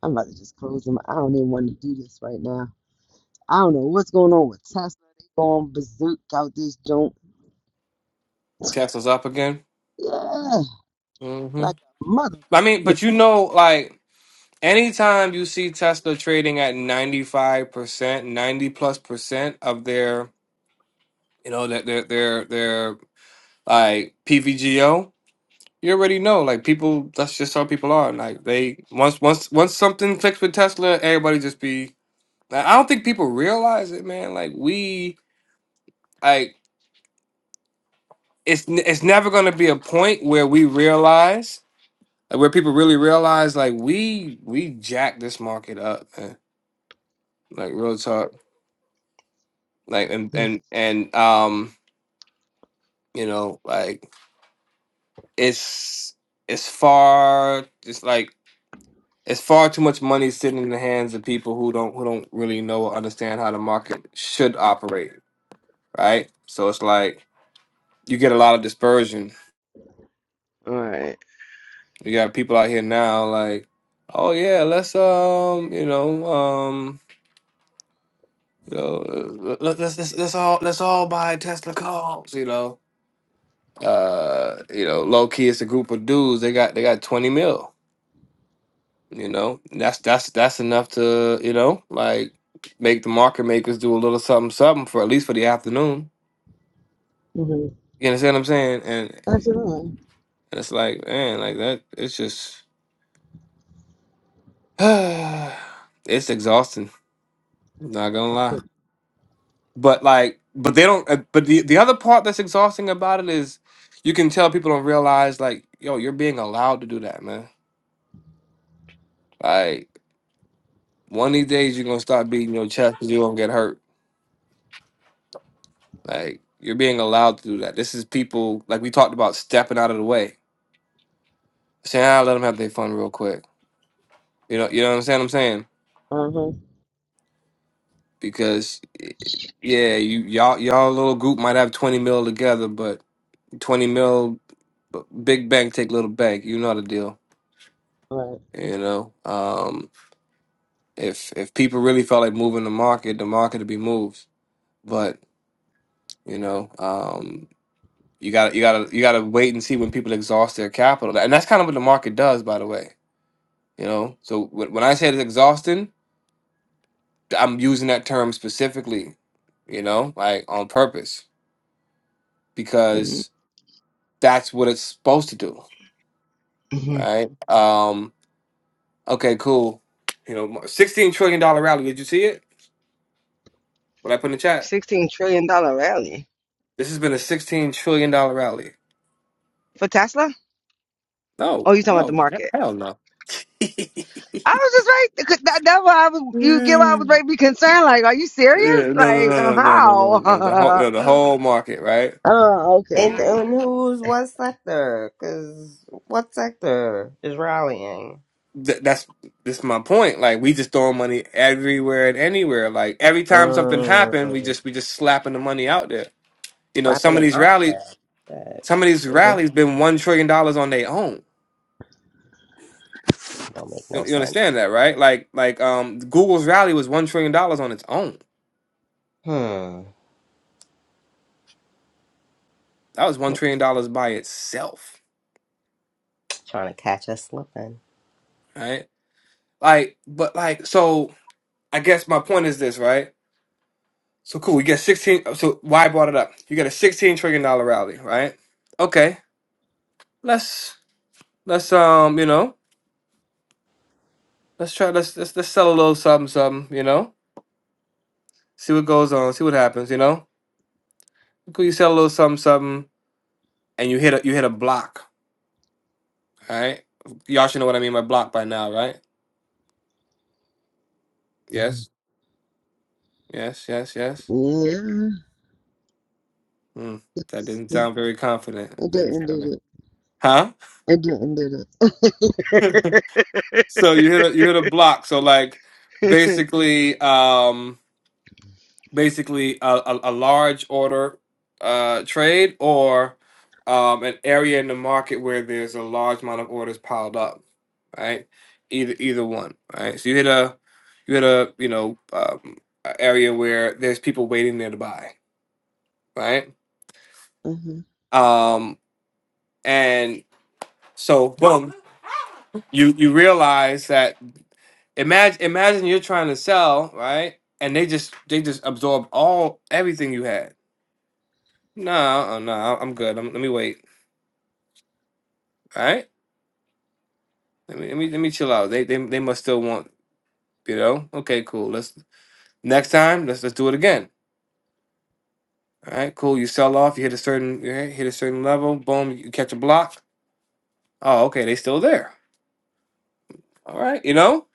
D: I'm about to just close them. I don't even want to do this right now. I don't know what's going on with Tesla. They going berserk out this joint.
B: Tesla's up again.
D: Yeah,
B: hmm
D: like a mother.
B: I mean, but you know, like, anytime you see Tesla trading at 95%, 90 plus percent of their, you know, that their, their, their like, PVGO, you already know. Like, people, that's just how people are. Like, they, once, once, once something clicks with Tesla, everybody just be, I I don't think people realize it, man. Like, we, like, it's n- it's never going to be a point where we realize like, where people really realize like we we jack this market up man. like real talk like and and and um you know like it's it's far it's like it's far too much money sitting in the hands of people who don't who don't really know or understand how the market should operate right so it's like you get a lot of dispersion
D: All right.
B: you got people out here now like oh yeah let's um you know um. You know, uh, let- let's, let's let's all let's all buy Tesla cars. You know, uh, you know, low key, it's a group of dudes. They got they got twenty mil. You know, And that's that's that's enough to you know like make the market makers do a little something something for at least for the afternoon.
D: Mm-hmm.
B: You understand what I'm saying? And,
D: That's all right.
B: and it's like man, like that. It's just it's exhausting. Not gonna lie. but like but they don't uh, but the, the other part that's exhausting about it is you can tell people don't realize like yo you're being allowed to do that man like one of these days you're gonna start beating your chest because you're gonna get hurt like you're being allowed to do that this is people like we talked about stepping out of the way saying i let them have their fun real quick you know you know what i'm saying i'm saying
D: Uh-huh.
B: because eh, yeah you y'all y'all little group might have 20 mil together but 20 mil b- big bank take little bank you know the deal
D: All
B: you know um if if people really felt like moving the market, the market would be moved. But you know, um, you got to you got to you got to wait and see when people exhaust their capital, and that's kind of what the market does, by the way. You know, so when when I say it's exhausting, I'm using that term specifically. You know, like on purpose
D: right. Mm-hmm.
B: because that's what it's supposed to do, right? Um, okay, cool. You know, sixteen trillion dollar rally. Did you see it? What I put in the chat.
D: sixteen trillion dollar rally
B: This has been a sixteen trillion dollar rally.
D: for Tesla.
B: Oh,
D: Oh, you talking about the
B: oh, he-
D: market?
B: hell no.
D: I was just right. 'Cause That, that's why I was. You get why I was
B: Mm.
D: right. Be concerned. Like, are you serious?
B: Yeah, no, no,
D: Like, uh,
B: no, no, no, no, no,
D: how?
B: no. The whole, no, the whole market, right?
D: oh, okay. I'm
C: and
D: pretty good.
C: who's what sector? Cause what sector is rallying?
B: Th- that's that's my point. Like we just throwing money everywhere and anywhere. Like every time something happened, we
C: Um,
B: just we just slapping the money out there. You know, some
C: wrapping
B: of
C: a
B: these rallies,
C: mind. That
B: some of these
C: don't
B: rallies been one trillion dollars on their own.
C: make
B: You,
C: no
B: you
C: sense.
B: understand that, right? Like like um, Google's rally was one trillion dollars on its own.
C: Hmm.
B: That was one trillion dollars by itself,
C: Trying to catch us slipping.
B: right? Like, but like so. I guess my point is this, right? So cool, we get 16 so why I brought it up. You get a 16 trillion dollar rally, right? Okay. Let's let's um, you know, let's try let's let's let's sell a little something something, you know? See what goes on, see what happens, you know? Cool, you sell a little something something and you hit a you hit a block, all right? Y'all should know what I mean by block by now, right?
D: Yeah.
B: Yes. Yes, yes, yes. Hmm. That
D: Yes,
B: didn't
D: yeah.
B: sound very confident.
D: It
B: It's-
D: didn't did it.
B: Huh?
D: It didn't did it.
B: So you hit a, you hit a block. So like basically um basically a, a, a large order uh trade or um an area in the market where there's a large amount of orders piled up, right? Either either one, right? So you hit a you hit a you know um, a area where there's people waiting there to buy, right?
D: uh-huh.
B: Um and so boom, you you realize that Imagine imagine you're trying to sell, right? And they just they just absorb all everything you had. No, uh, no, I'm good. I'm, let me wait. All right, let me let me let me chill out. They they they must still want you know. Okay, cool. Let's next time. Let's let's do it again. All right, cool. You sell off. You hit a certain you hit hit a certain level. Boom. You catch a block. Oh, okay. They still there. All right. You know,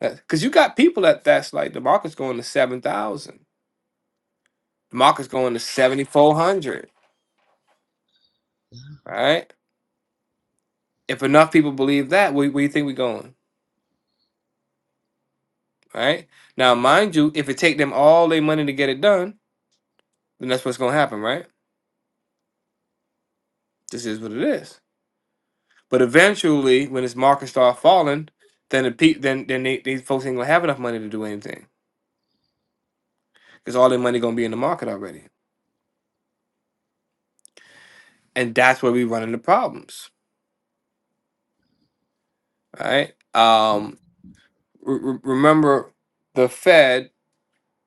B: because you got people that that's like the market's going to seven thousand. The market's going to seventy four hundred. Right If enough people believe that, where, where you think we're going? Right now, mind you, if it take them all their money to get it done, then that's what's going to happen, right? This is what it is. But eventually, when this market start falling, then the pe- then then they, these folks ain't gonna have enough money to do anything because all their money gonna be in the market already, and that's where we run into problems, right? Um, re- re- remember, the Fed,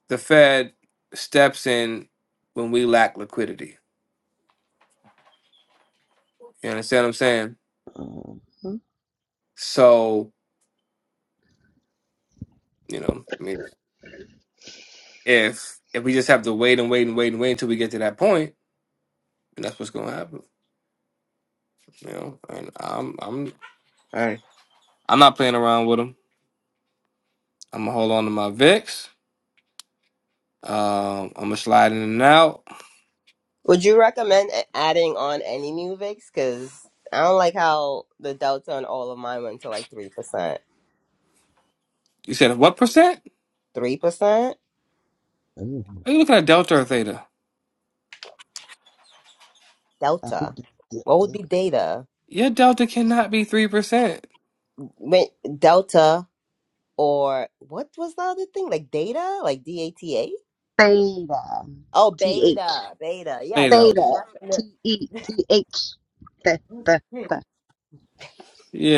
B: the Fed steps in when we lack liquidity. You understand what I'm saying?
D: Uh-huh.
B: So You know, I mean, if if we just have to wait and wait and wait and wait until we get to that point, then that's what's going to happen. You know, and I'm I'm Hey, I'm not playing around with them. I'm gonna hold on to my VIX. Um, I'm gonna slide in and out.
C: Would you recommend a- adding on any new Vicks? Because I don't like how the Delta on all of mine went to like 3%.
B: You said what percent?
C: 3%?
D: Ooh,
B: Are you looking at delta or theta?
D: I hope
C: Delta.
D: that did
C: What would
D: that.
C: be data?
B: Your delta cannot be three percent
C: Wait, Delta or what was the other thing? Like data? Like D A T A?
D: Theta.
C: Oh,
D: T H.
C: beta. Beta. Yeah, no.
B: theta.
D: Theta. T
C: Definitely.
D: E T H. Theta.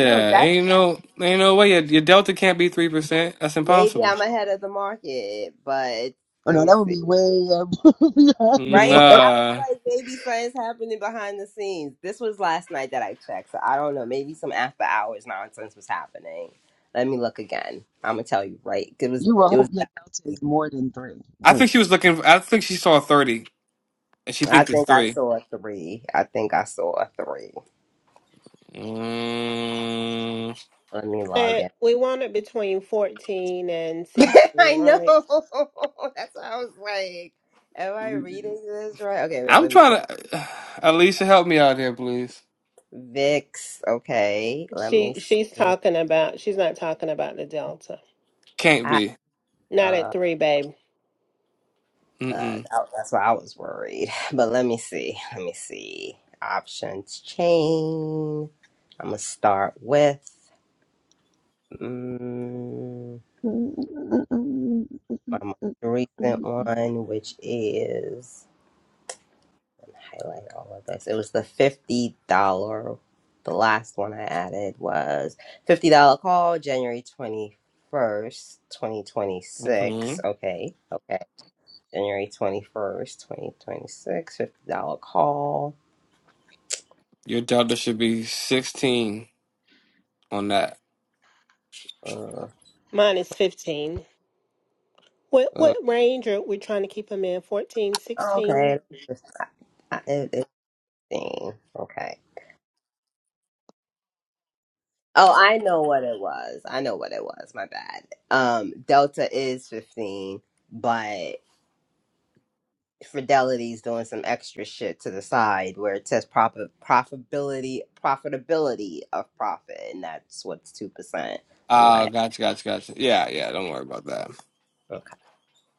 C: No, that's
B: ain't no ain't no way your, your delta can't be three percent. That's
C: maybe
B: impossible.
C: I'm ahead of the market, but
D: Oh
C: let
D: no,
C: me
D: that would
C: see.
D: be way up beyond the
C: Right?
D: mark.
C: I
B: Nah,
C: was like, maybe something's happening behind the scenes. This was last night that I checked, so I don't know. Maybe some after hours nonsense was happening. Let me look again. I'm gonna tell you right. It was
D: You will
C: it
D: hope
C: was
D: your delta is more than three
B: I
D: points.
B: think she was looking. I think she saw thirty and she
C: I
B: thinks it's
C: think I
B: three.
C: saw a three. I think I saw a three.
B: Mm,
C: Let me log in.
E: But we want it between 14 and 16,
C: I know.
E: right?
C: That's what I was like. Am I reading this right? Okay, wait,
B: I'm
C: let me click.
B: trying to. Alicia, help me out here, please.
C: VIX. Okay. Let me
E: She
C: s-
E: she's talking about she's not talking about the delta.
B: Can't
C: I-
B: be.
E: Not
C: uh,
E: at 3, babe.
C: Uh,
B: Mm-mm.
C: that- that's why I was worried. But let me see. Let me see. Options chain. I'm gonna start with mm, my most recent one, which is highlight all of this. It was the fifty dollar. The last one I added was fifty dollar call, January twenty first, twenty twenty six.
B: Mm-hmm.
C: Okay, okay. January twenty first, twenty twenty six. Fifty dollar call.
B: Your daughter should be 16 on that.
C: Uh,
E: Mine is 15. What
C: Uh,
E: what range are we trying to keep them in? Fourteen, sixteen.
C: Okay. I- it- it- thing. Okay. Oh, I know what it was. I know what it was. My bad. Um, Delta is 15, but Fidelity's doing some extra shit to the side where it says profit, profitability, profitability of profit, and that's what's 2%. And
B: Ah,
C: my,
B: gotcha, gotcha, gotcha. Yeah, yeah. Don't worry about that.
C: uh, okay.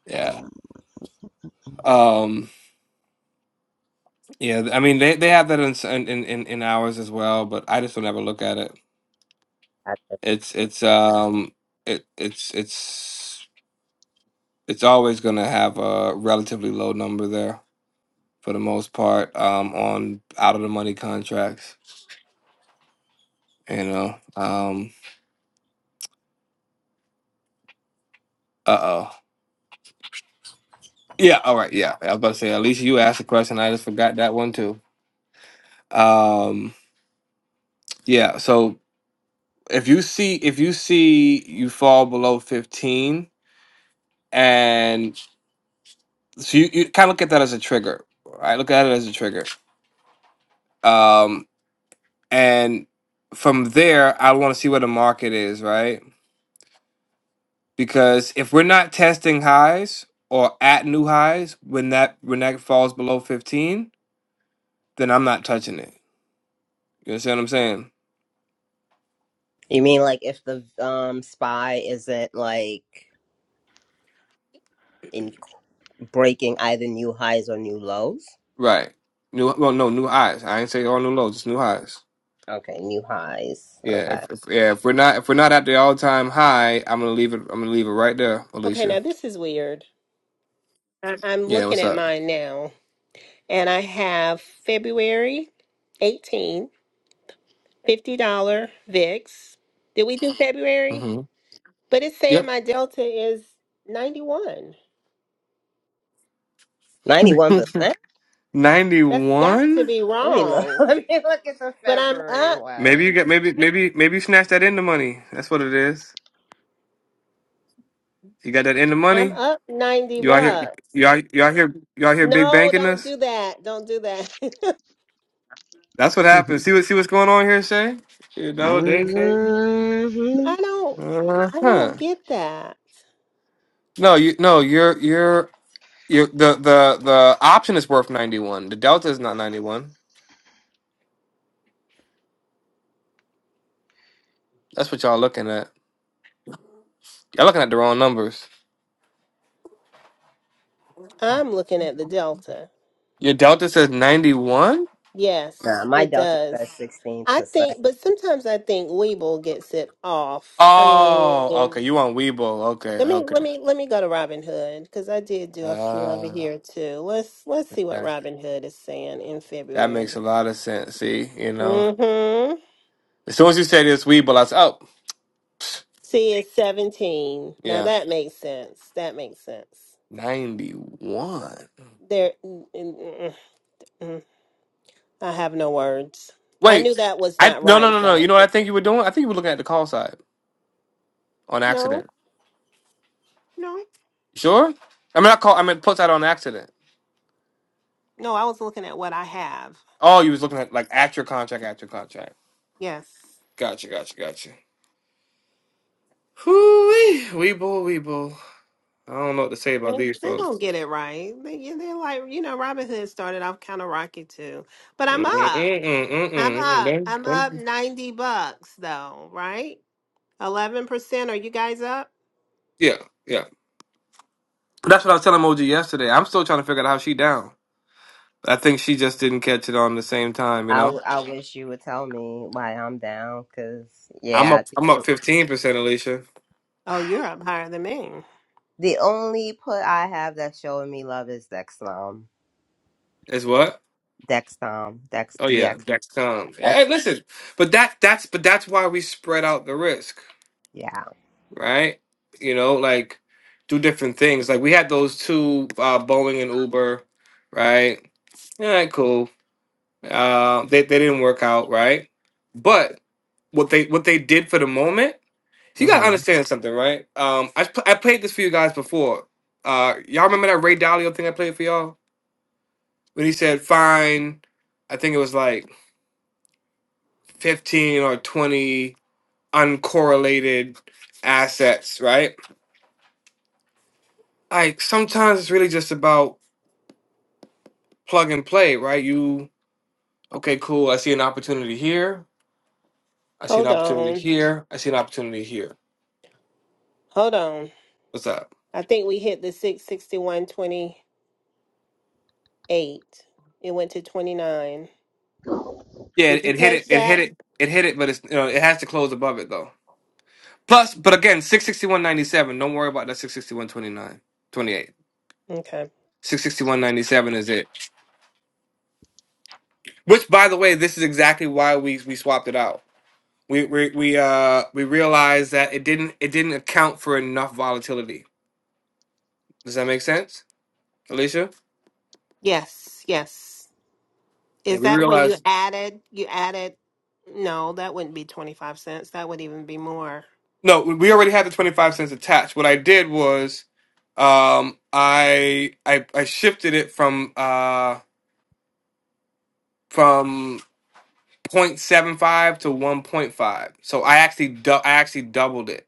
B: Yeah. Um. Yeah. I mean, they they have that in in in, in ours as well, but I just don't ever look at it.
C: I-
B: It's it's um it it's it's it's always gonna have a relatively low number there. for the most part um, on out of the money contracts. You know, um, uh oh, yeah, all right, yeah. I was about to say, at least you asked a question. I just forgot that one too. Um, yeah. So if you see if you see you fall below fifteen, and so you, you kind of look at that as a trigger, right? Look at it as a trigger. Um, and from there, I want to see where the market is, right? because if we're not testing highs or at new highs when that when that falls below 15 then i'm not touching it you understand what i'm saying
C: You mean like if the um spy isn't like in breaking either new highs or new lows?
B: right new well no new highs i ain't say all new lows it's new highs
C: Okay, new highs.
B: yeah
C: Okay.
B: if, if yeah if we're not if we're not at the all-time high i'm gonna leave it i'm gonna leave it right there
E: Okay,
B: alicia
E: now this is weird. I, I'm
B: yeah
E: looking
B: what's
E: at
B: up
E: mine now and I have February 18, dollars VIX. Did we do February?
B: mm-hmm.
E: But it's saying
B: yep
E: my delta is 91.
C: Ninety-one percent.
E: That's got to
B: 91
E: be
C: Let me look.
E: wrong.
C: Let me look at the
E: But I'm
C: February
E: up.
C: one.
B: maybe you get maybe maybe maybe you snatched that in the money that's what it is you got that in the
E: I'm
B: money
E: up 90
B: you out here
E: bucks.
B: you out, you out here you out here big
E: No,
B: banking
E: don't
B: us
E: do that. Don't do that.
B: That's what happens. See what see what's going on here, Shay. You know, they, they
E: I don't
B: uh
E: I
B: huh.
E: don't get that.
B: No, you no, you're you're you're the the the option is worth ninety one. The delta is not ninety one. That's what y'all looking at. Y'all looking at the wrong numbers.
E: I'm looking at the delta.
B: Your delta says ninety one.
C: Nah,
E: Yes,
C: my
E: it
C: Delta says
E: does.
C: sixteen
E: I
C: percent.
E: think but sometimes I think Weeble gets it off. I
B: Oh,
E: mean,
B: okay. You on Weibo? Okay,
E: let me
B: okay.
E: let me let me go to Robin Hood cuz I did do a few over
B: Ah,
E: here too. Let's let's see what
B: gosh,
E: Robin Hood is saying in
B: that
E: February.
B: makes a lot of sense. See, you know,
E: Mhm.
B: as soon as you said it's Weibo, I said, oh, pfft,
E: C is 17. Now
B: yeah,
E: that makes sense. That makes sense.
B: ninety one.
E: There, mm, mm, mm, mm. mm. I have no words. I
B: Wait,
E: knew that was
B: I
E: not
B: no no
E: right,
B: no no.
E: though.
B: You know what I think you were doing? I think you were looking at the call side on
E: No,
B: accident.
E: no,
B: Sure? I mean, I call. I mean put side on accident.
E: no. I was looking at what I have.
B: Oh, you was looking at like at your contract, at your contract.
E: Yes,
B: Gotcha, gotcha, gotcha. Whoo wee, weeble, weeble. I don't know what to say
E: they
B: about these
E: they don't
B: folks.
E: get it right. They they're like you know, Robin Hood started off kind of rocky too, but I'm
B: mm
E: up.
B: mm
E: I'm
B: mm
E: up.
B: mm
E: I'm up
B: mm
E: ninety bucks though. Right, eleven percent. Are you guys up?
B: Yeah, yeah. That's what I was telling Moji yesterday. I'm still trying to figure out how she down. I think she just didn't catch it on the same time. You
C: I
B: know,
C: w- I wish you would tell me why I'm down, cause
B: I'm
C: yeah, I
B: up.
C: think-
B: I'm up fifteen percent, Alicia.
E: Oh, you're
C: what?
E: up higher than me.
C: The only put I have that's showing me love is Dexcom.
B: Is what?
C: Dexcom. Dex
B: Oh yeah,
C: DX.
B: Dexcom. Hey,
C: That's
B: listen, but that that's but that's why we spread out the risk,
C: yeah.
B: right? You know, like do different things. Like we had those two uh, Boeing and Uber, right? All right, cool. Uh, they they didn't work out, right? But what they what they did for the moment, you gotta
C: hmm
B: understand something, right? Um, I sp- I played this for you guys before. Uh, y'all remember that Ray Dalio thing I played for y'all when he said fine? I think it was like fifteen or twenty. uncorrelated assets, right? Like sometimes it's really just about plug and play, right? You okay, cool. I see an opportunity here. I see an
E: Hold
B: opportunity
E: on.
B: here. I see an opportunity here.
E: Hold on.
B: What's up?
E: I think we hit the six sixty one twenty eight. It went to twenty nine.
B: Yeah,
E: Did
B: it,
E: you
B: it hit
E: catch
B: it. It hit
E: that?
B: it. It hit it, but it's you know it has to close above it though. Plus, but again, six sixty one ninety seven. Don't worry about that six sixty one twenty nine twenty eight.
E: Okay.
B: Six sixty one ninety seven is it? Which, by the way, this is exactly why we we swapped it out we we we uh we realized that it didn't it didn't account for enough volatility. Does that make sense, Alicia?
E: Yes, yes.
B: Yeah,
E: Is
B: we
E: that when you
B: realized
E: added you added no, that wouldn't be twenty five cents. That would even be more.
B: no, we we already had the twenty five cents attached. What I did was, um, I I I shifted it from uh from 0.75 to one point five. So I actually dou- I actually doubled it.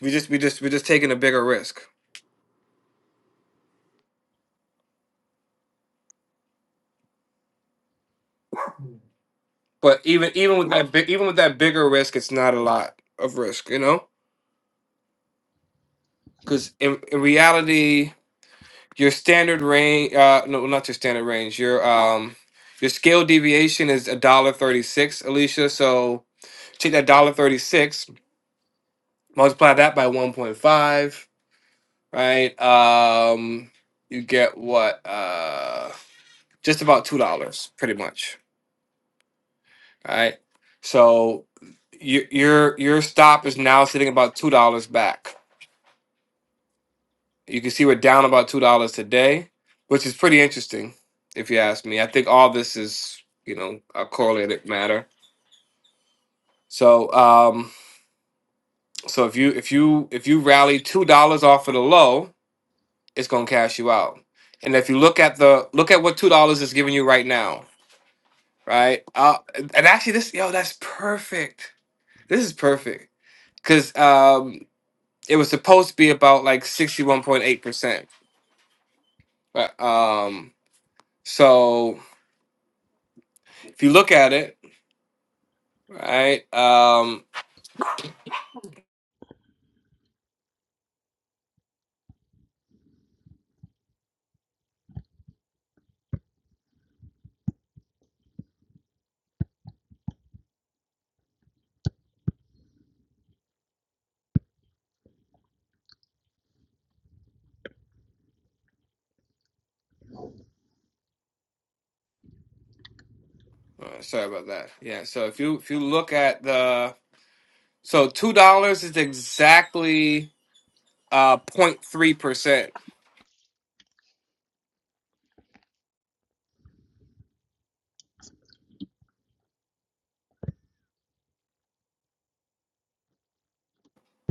B: We just we just we're just taking a bigger risk. But even even with that big even with that bigger risk, it's not a lot of risk, you know, because in, in reality your standard range uh no well, not your standard range your um your scale deviation is a dollar thirty six alicia so take that dollar thirty six multiply that by 1.5 right um you get what uh just about two dollars pretty much right so your your your stop is now sitting about two dollars back You can see we're down about two dollars today, which is pretty interesting, if you ask me. I think all this is, you know, a correlated matter. So, um, so if you if you if you rally two dollars off of the low, it's gonna cash you out. And if you look at the look at what two dollars is giving you right now, right? Uh, and actually, this yo, that's perfect. This is perfect because um, it was supposed to be about like sixty one point eight percent. Um, so if you look at it. right? Um, uh, sorry about that. Yeah. So if you if you look at the so two dollars is exactly uh point 03 percent.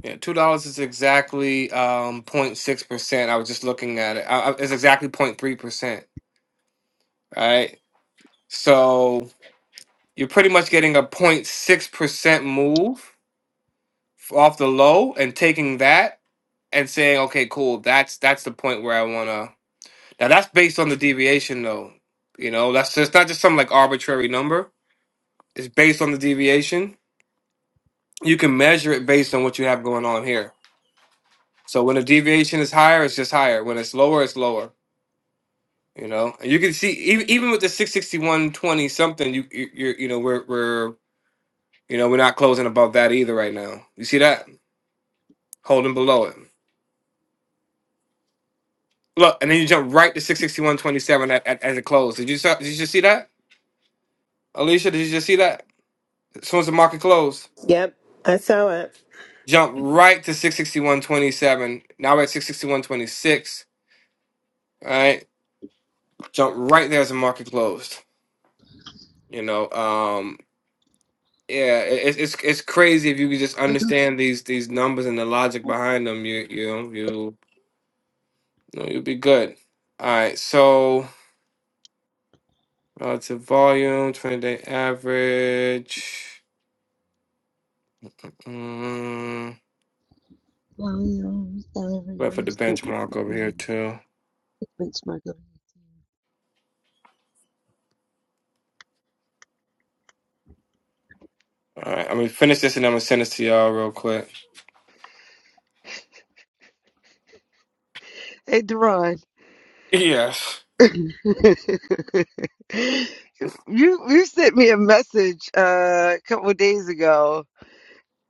B: Yeah, two dollars is exactly um point 06 percent. I was just looking at it. I, I- it's exactly point 03 percent. Right. So you're pretty much getting a point 06 percent move off the low and taking that and saying, okay, cool. That's that's the point where I wanna Now that's based on the deviation, though. You know, that's it's not just some like arbitrary number. It's based on the deviation. You can measure it based on what you have going on here. So when the deviation is higher, it's just higher. When it's lower, it's lower. You know, and you can see even even with the six sixty one twenty something, you you you're, you know we're we're you know we're not closing above that either right now. You see that holding below it. Look, and then you jump right to six sixty one twenty seven at, at as it closed. Did you saw- did you just see that, Alicia? Did you just see that? As soon as the market closed.
E: Yep. I saw it.
B: Jump right to 661.27. Now we're at 661.26. All right. Jump right there as the market closed. You know, um, yeah, it, it's it's crazy if you could just understand these these numbers and the logic behind them. You you you you know, you'll be good. All right. So relative volume, 20 day average. Mm, wait for the benchmark over here too. All right. I'm gonna finish this and I'm gonna send this to y'all real quick.
D: Hey, Deron,
B: Yes.
D: you you sent me a message uh, a couple of days ago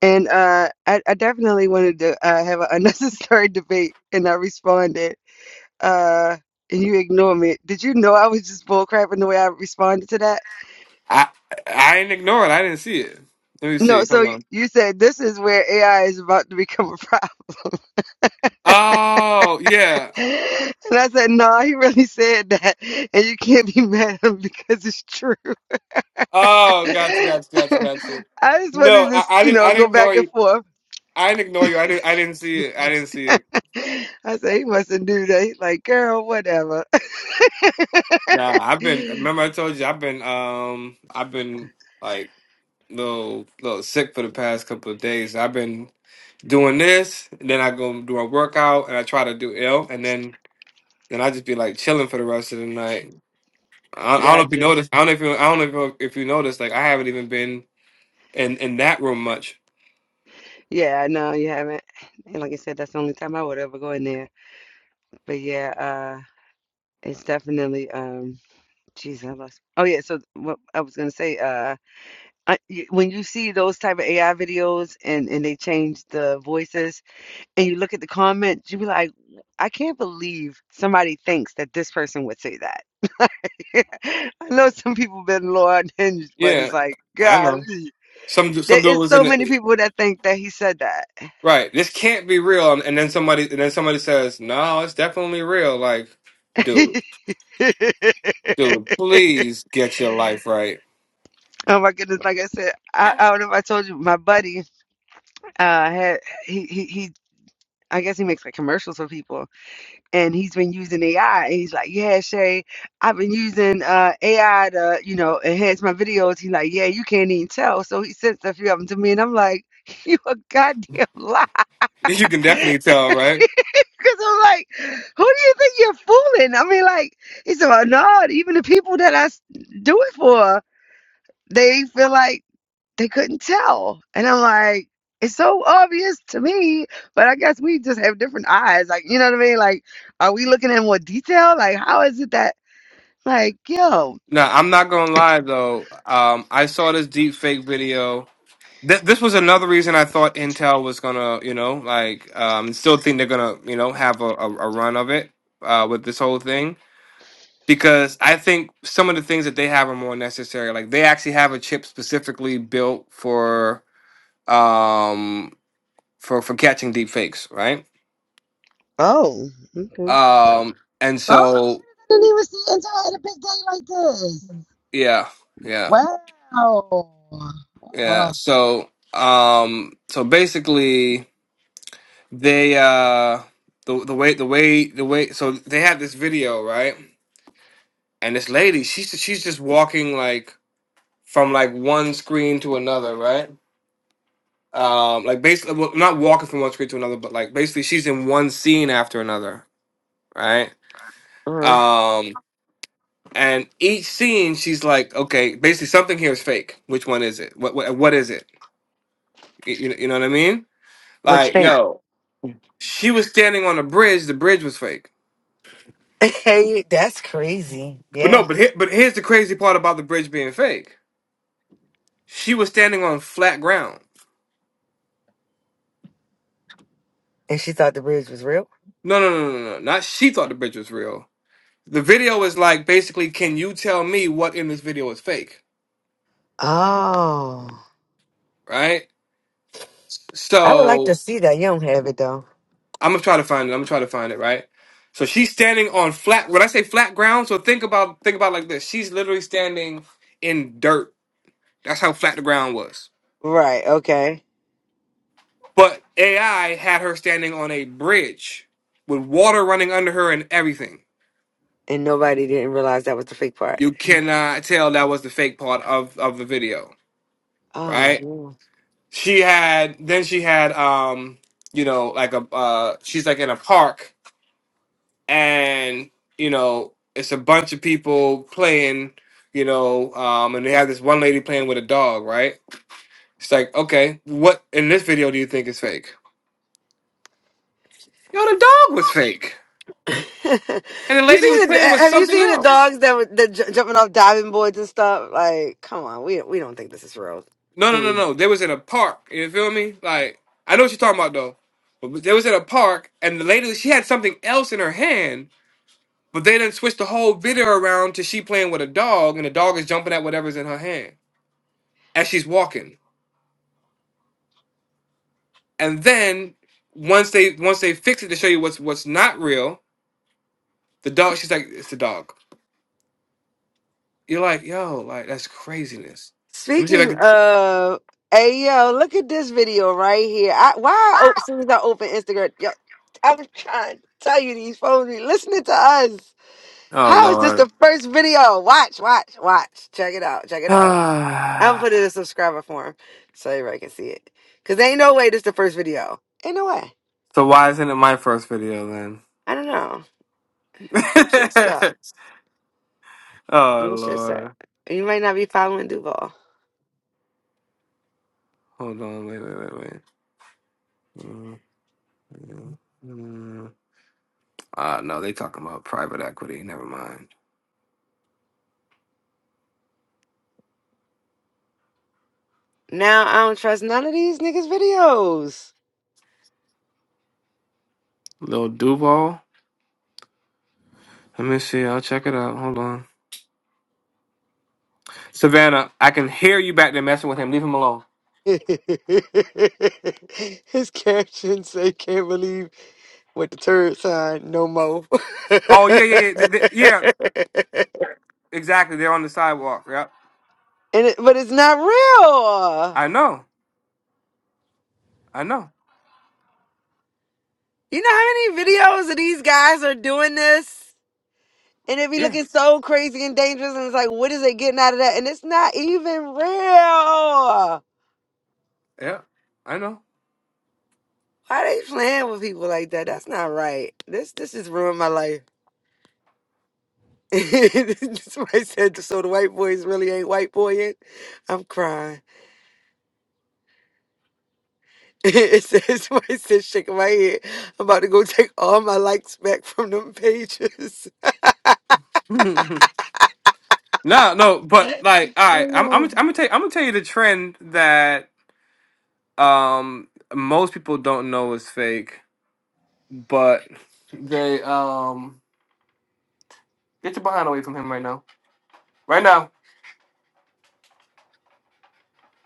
D: And uh, I, I definitely wanted to uh, have an unnecessary debate, and I responded, uh, and you ignore me. Did you know I was just bullcrapping the way I responded to that?
B: I I ain't it. I didn't see it. Let me
D: No,
B: see.
D: so
B: Hold
D: y-
B: on.
D: you said this is where AI is about to become a problem.
B: Oh yeah.
D: And I said, no, he really said that. And you can't be mad at him because it's true.
B: Oh, gotcha,
D: I
B: gotcha, gotcha, gotcha.
D: just wanted
B: No,
D: to,
B: I, I
D: you
B: didn't.
D: know,
B: I didn't
D: go back
B: ignore
D: and
B: you.
D: forth.
B: I didn't ignore you. I didn't. I didn't see it. I didn't see it.
D: I said, he mustn't do that. He's like, girl, whatever.
B: Nah, I've been. Remember, I told you I've been. Um, I've been like little little sick for the past couple of days. I've been doing this, and then I go do a workout, and I try to do ill, and then then I just be like chilling for the rest of the night. I, I don't know if you
D: Gotcha.
B: noticed. I don't know if you. I don't know if you, if you noticed. Like I haven't even been. in in that room much.
D: Yeah, no, you haven't. And like I said, that's the only time I would ever go in there. But yeah, uh it's definitely um geez, I lost. Oh yeah, so what I was gonna say, uh I, y- when you see those type of AI videos and and they change the voices and you look at the comments, you be like, I can't believe somebody thinks that this person would say that. I know some people been low on hinge, but it's
B: Yeah,
D: like,
B: I know.
D: golly,
B: Some
D: there
B: some dude
D: is
B: was
D: so
B: in
D: many
B: the
D: people that think that he said
B: right. This can't be real, and, and then somebody and then somebody says, "No, it's definitely real." Like, dude,
D: that.
B: dude, please get your life right.
D: Oh my goodness! Like I said, I, I don't know if I told you, my buddy uh had he he he. I guess he makes like commercials for people, and he's been using AI. And he's like, "Yeah, Shay, I've been using uh AI to you know enhance my videos." He's like, "Yeah, you can't even tell." So he sent a few of them to me, and I'm like, "You a goddamn lie,"
B: You can
D: because
B: definitely tell, right?
D: I'm like, "Who do you think you're fooling?" I mean, like he said, well, "No, even the people that I s- do it for, they feel like." they couldn't tell. And I'm like, it's so obvious to me, but I guess we just have different eyes. Like, you know what I mean? Like, are we looking in more detail? Like, how is it that, like, yo,
B: Now, I'm not gonna lie though. Um, I saw this deep fake video. This this was another reason I thought Intel was gonna, you know, like, um, still think they're gonna, you know, have a, a, a run of it uh, with this whole thing because I think some of the things that they have are more necessary. Like they actually have a chip specifically built for um for for catching deep fakes, right?
D: oh, okay.
B: Um and
D: Oh,
B: so
D: I didn't even see it until I had a big day like this.
B: yeah, yeah,
D: Wow.
B: yeah.
D: Oh.
B: So um so basically they uh the the way the way the way so they had this video, right? And this lady, she's she's just walking like from like one screen to another, right? um like basically well, not walking from one screen to another but like basically she's in one scene after another right
D: Mhm.
B: um and each scene she's like okay basically something here is fake which one is it what what, what is it Y- you, you know what i mean
D: Which
B: like
D: state?
B: yo she was standing on a bridge the bridge was fake
D: Hey, that's crazy.
B: but no
D: Yeah.
B: but here, but here's the crazy part about the bridge being fake she was standing on flat ground
D: And she thought the bridge was real.
B: no no no no no no, not she thought the bridge was real the video is like basically can you tell me what in this video is fake
D: Oh,
B: right
D: I would like
B: So
D: to see that. You don't have it though.
B: I'm gonna try to find it. I'm gonna try to find it, right? So she's standing on flat when I say flat ground, so think about think about it like this. She's literally standing in dirt. That's how flat the ground was.
D: right. Okay.
B: But AI had her standing on a bridge with water running under her and everything.
D: and nobody didn't realize that was the fake part.
B: You cannot tell that was the fake part of, of the video,
D: Oh,
B: right?
D: no.
B: She had then she had um, you know, like a uh she's like in a park and you know it's a bunch of people playing you know um and they have this one lady playing with a dog right it's like okay what in this video do you think is fake yo the dog was fake
D: you
B: and the lady was
D: seen the?
B: playing
D: uh,
B: with
D: Have you
B: something
D: seen the
B: else
D: dogs that were that j- jumping off diving boards and stuff? Like, come on, we we don't think this is real,
B: no no
D: do
B: no
D: we?
B: no they was in a park you feel me like i know what you're talking about though but they was in a park and the lady she had something else in her hand but they didn't switch the whole video around to she playing with a dog and the dog is jumping at whatever's in her hand as she's walking And then once they once they fix it to show you what's what's not real, the dog she's like, it's the dog. You're like, yo, like that's craziness. Let me see if I
D: Speaking
B: can
D: of, hey yo, look at this video right here. I, why? Oh, as soon as I open Instagram, yo, I was trying to tell you these phones. be Listening to us.
B: Oh
D: How is this
B: Lord.
D: the first video? Watch, watch, watch. Check it out. Check it out. I'm
B: Ah.
D: putting a subscriber form so everybody can see it. Cause ain't no way this the first video. Ain't no way.
B: so why isn't it my first video then?
D: I don't know. It shit sucks.
B: oh
D: It shit sucks.
B: Lord.
D: You might not be following Duval.
B: Hold on, wait, wait, wait, wait. Mm, mm, mm. Uh no, they talking about private equity. Never mind.
D: Now I don't trust none of these niggas' videos.
B: Little Duval. Let me see. I'll check it out. Hold on. Savannah, I can hear you back there messing with him. Leave him alone.
D: His caption say can't believe with the turd sign no more." and
B: Oh yeah, yeah, yeah, th- th- yeah. Exactly. They're on the sidewalk. Yeah,
D: it, but it's not real.
B: I know. I know.
D: You know how many videos of these guys are doing this? And it be
B: Yeah,
D: looking so crazy and dangerous. And it's like, what is they getting out of that? And it's not even real.
B: yeah. I know.
D: Why they playing with people like that? That's not right. This this has ruined my life. Somebody said, so the white boys really ain't white boy yet? I'm crying. it says, somebody said, shaking my head. I'm about to go take all my likes back from them pages.
B: no, no, but like, all right. I'm, I'm, gonna-
D: Hello.
B: I'm gonna tell you. I'm gonna tell you the trend that um most people don't know is fake, but they um get your behind away from him right now. Right now.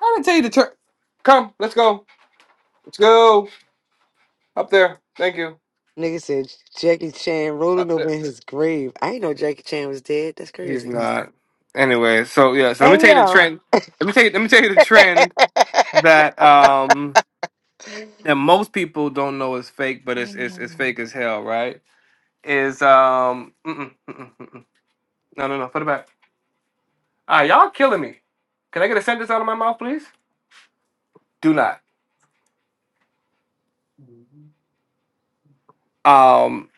B: I'm gonna tell you the trend. Come, let's go. Let's go up there. Thank you.
D: Nigga said Jackie Chan rolling
B: Up
D: over
B: there.
D: in his grave. I ain't know Jackie Chan was dead. That's
B: He's
D: crazy.
B: not. Anyway, so yeah. So let me
D: Hey
B: tell you the
D: yo.
B: trend. Let me tell you. Let me tell you the trend that um that most people don't know is fake, but it's it's, it's fake as hell, right? Is um mm-mm, mm-mm, mm-mm. no no no put it back. Ah, y'all killing me. Can I get a sentence out of my mouth, please? Do not. Um,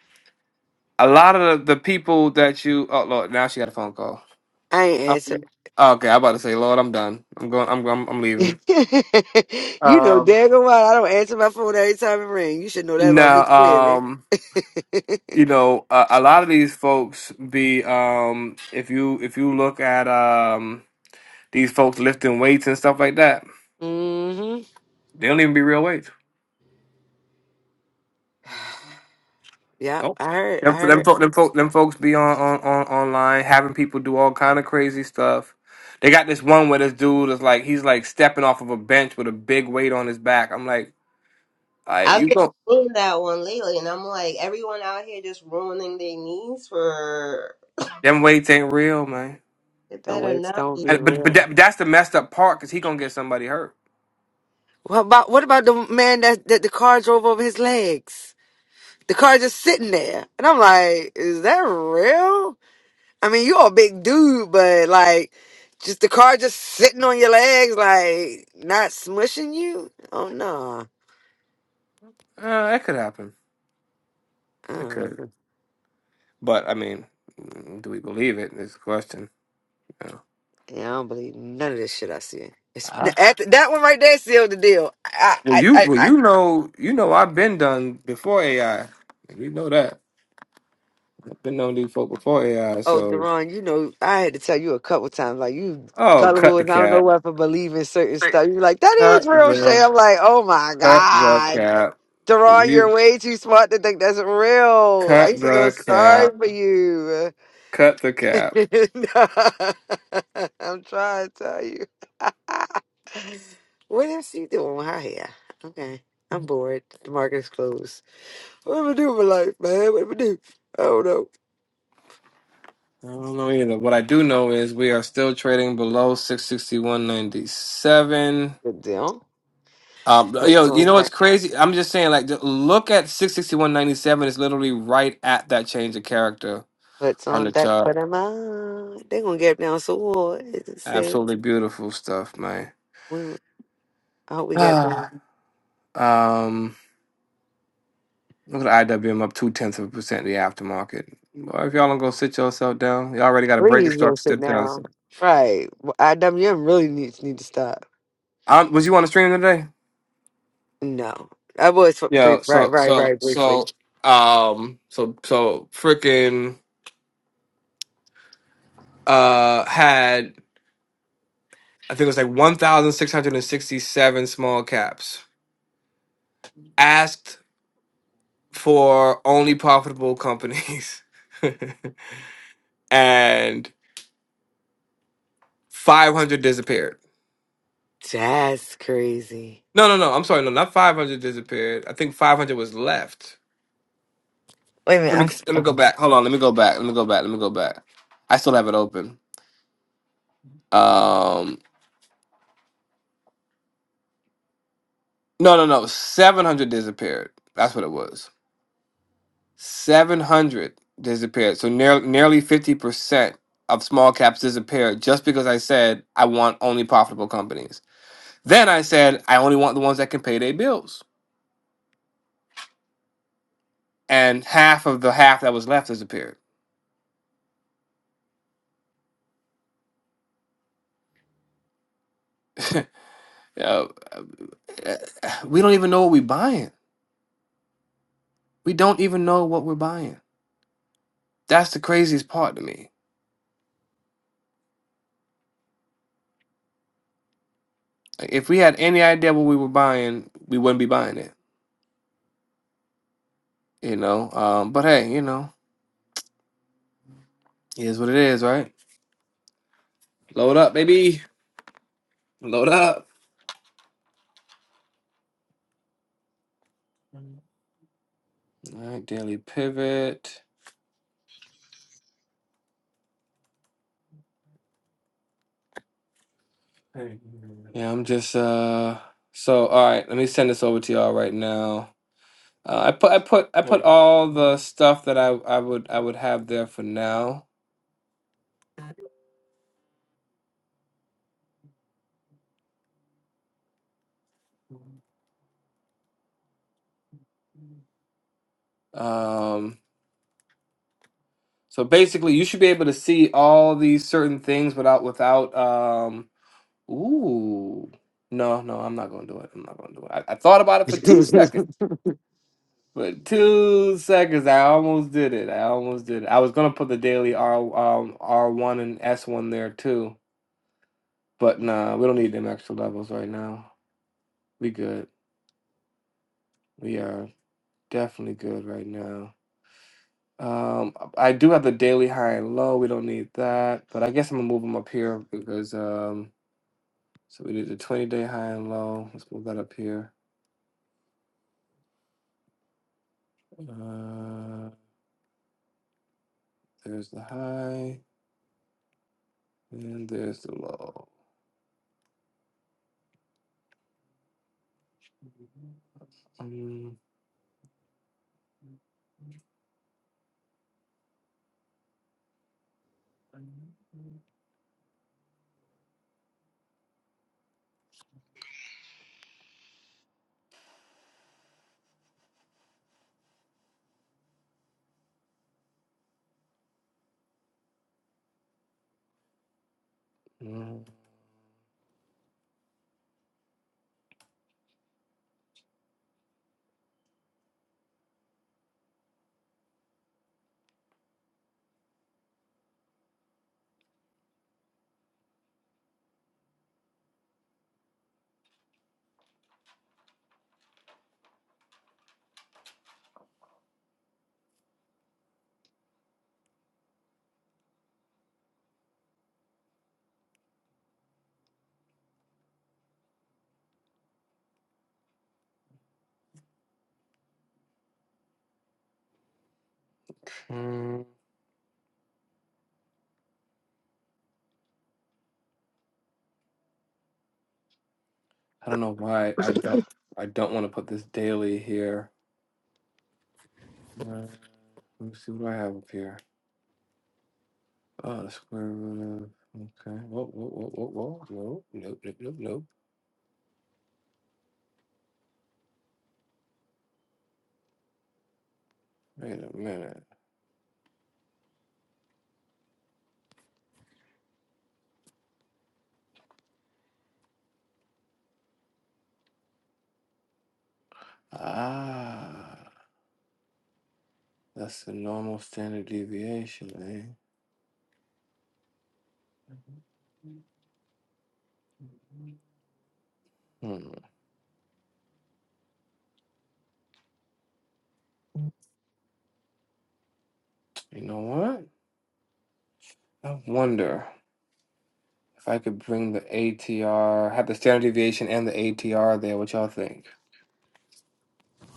B: a lot of the, the people that you oh Lord, now she got a phone call.
D: I ain't
B: Up to
D: answer.
B: you. Okay, I'm about to say, Lord, I'm done. I'm going. I'm I'm, I'm
D: you
B: leaving.
D: know
B: Um,
D: daggone well I don't answer my phone every time it rings. You should know that about me
B: now
D: clearly.
B: um. You know, a, a lot of these folks be um if you if you look at um These folks lifting weights and stuff like that.
D: hmm
B: They don't even be real weights.
D: Yep,
B: Nope.
D: I heard. I
B: Them, them,
D: heard.
B: fol- them, fol- them folks be on, on, on online having people do all kind of crazy stuff. They got this one where this dude is like he's like stepping off of a bench with a big weight on his back. I'm like, all right,
C: I've
B: you
C: been
B: go.
C: seeing that one lately, and I'm like, everyone out here just ruining their knees for.
B: Them weights ain't real, man.
C: It
D: Don't
C: better
D: wait.
C: not
D: Don't be
C: be.
B: And, but but
D: real.
B: that, that's the messed up part because he gonna get somebody hurt.
D: What about what about the man that that the car drove over his legs? The car just sitting there, and I'm like, is that real? I mean, you're a big dude, but like, just the car just sitting on your legs, like not smushing you. Oh no.
B: Uh, that could happen. It
D: Oh. do
B: could. But I mean, mm, do we believe it? Is the question.
D: Yeah, I don't believe none of this shit I see. It's,
B: Yeah.
D: after, that one right there sealed the deal. I,
B: Well,
D: I,
B: you
D: I,
B: well
D: I,
B: you know you know I've been done before AI. You know that I've been on these folk before AI.
D: oh,
B: So
D: Deron, you know, I had to tell you a couple times, like, you
B: oh, cut
D: gullible
B: the
D: and I don't know
B: cap,
D: what for believing certain
B: cut
D: stuff. You're like, that is real shit.
B: the
D: I'm like, oh my
B: cut the
D: God.
B: cap.
D: Deron,
B: You
D: you're way too smart to think that's real. I
B: cut
D: used to feel
B: the
D: sorry
B: cap,
D: for you.
B: cut the cap.
D: I'm trying to tell you. What is she doing with her hair? Okay. I'm bored. The market is closed. What am I do with my life, man? What am I do? I don't know.
B: I don't know either. What I do know is we are still trading below six sixty one ninety seven.
D: But them,
B: Um,
D: puts
B: yo, you
D: on
B: know what's
D: that,
B: crazy? I'm just saying, like, the- look at six sixty one ninety seven is literally right at that change of character
D: puts
B: on
D: on
B: the
D: that for
B: chart.
D: them. Ah, they gonna get down so hard. It's the same.
B: Absolutely beautiful stuff, man.
D: When I hope we get
B: Ah,
D: down.
B: um, look at IWM up two tenths of a percent in the aftermarket. Well, if y'all don't go sit yourself down, you already got a breaking
D: Please go
B: structure to
D: sit
B: the downside.
D: down. Right. Well, IWM really needs need to stop.
B: Um, was you on the stream today?
D: No, I was f- brief.
B: Yeah.
D: Right,
B: So
D: right,
B: so
D: right. Briefly.
B: so um so so freaking uh had I think it was like one thousand six hundred and sixty seven small caps asked for only profitable companies, and five hundred disappeared.
D: That's crazy.
B: No, no, no. I'm sorry. No, not 500 disappeared. I think 500 was left.
D: Wait a minute.
B: Let
D: I'm
B: me
D: s-
B: let me go
D: okay.
B: back. Hold on. Let me go back. Let me go back. Let me go back. I still have it open. Um. No, no, no. 700 disappeared. That's what it was. 700 disappeared. So near, nearly 50% of small caps disappeared just because I said I want only profitable companies. Then I said I only want the ones that can pay their bills. And half of the half that was left disappeared. Uh, uh, we don't even know what we're buying We don't even know what we're buying. That's the craziest part to me. Like, if we had any idea what we were buying, we wouldn't be buying it, you know. Um, but hey, you know, it is what it is, right? Load up, baby. Load up. All right, daily pivot. Hey. Yeah, I'm just uh. So all right, let me send this over to y'all right now. Uh, I put I put I put all the stuff that I I would I would have there for now. Um. So basically, you should be able to see all these certain things without without. Um, ooh, no, no, I'm not gonna do it. I'm not gonna do it. I, I thought about it for two seconds, but two seconds, I almost did it. I almost did it. I was gonna put the daily R um, R one and S one there too, but nah, we don't need them extra levels right now. We good. We are definitely good right now. Um, I do have the daily high and low. We don't need that, but I guess I'm gonna move them up here because um. So we did the 20 day high and low. Let's move that up here. Uh, there's the high and there's the low. Mm, mm, mm. I don't know why I don't I don't want to put this daily here. Uh, let me see what do I have up here. Oh, the square root of okay. Whoa, whoa, whoa, whoa, whoa. Nope, nope, nope, nope, nope. Wait a minute. Ah, that's the normal standard deviation, eh? Hmm. You know what? I wonder. If I could bring the ATR, have the standard deviation and the ATR there, what y'all think?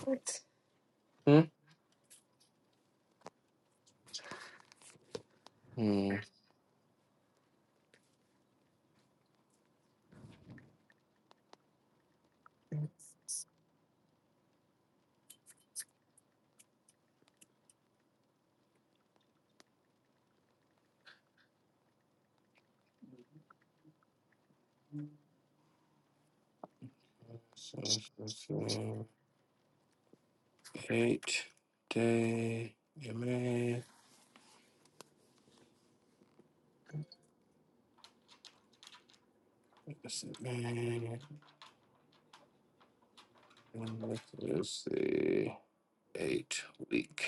D: what?
B: Hmm? Hmm. So let's, let's see. Eight day MA. Let's see. man, Let's let's see. Eight week.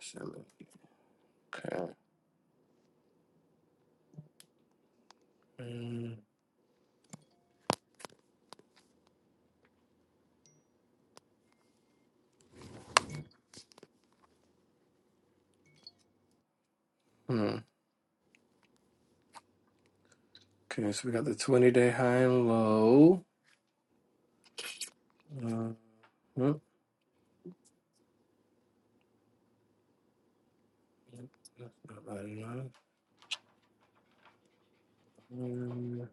B: Seven. Okay. Mm, Hmm. Okay, so we got the 20 day high and low. Uh, hmm. That's not bad enough. Um,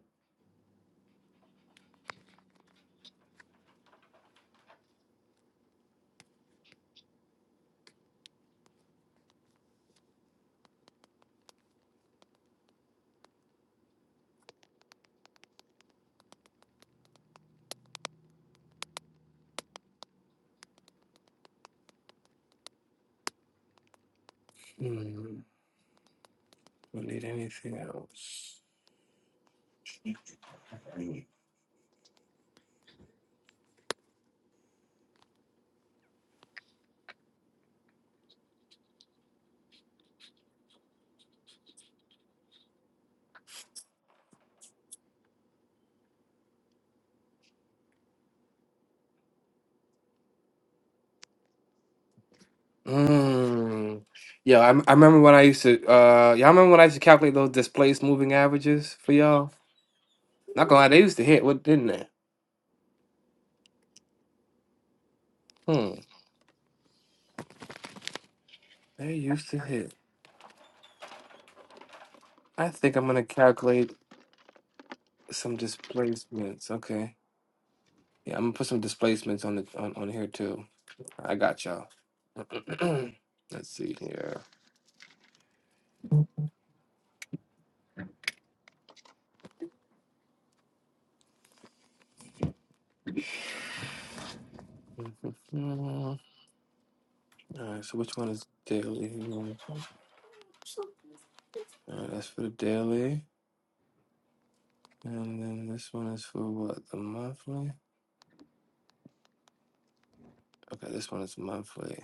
B: hmm. Don't need anything else. Hmm. Mm. Yeah, I, I remember when I used to uh y'all remember when I used to calculate those displaced moving averages for y'all? Not gonna lie, they used to hit, what didn't they? Hmm. They used to hit. I think I'm gonna calculate some displacements. Okay. Yeah, I'm gonna put some displacements on the on, on here too. I got y'all. Let's see here. All right, so which one is daily? All right, that's for the daily. And then this one is for what? The monthly? Okay, this one is monthly.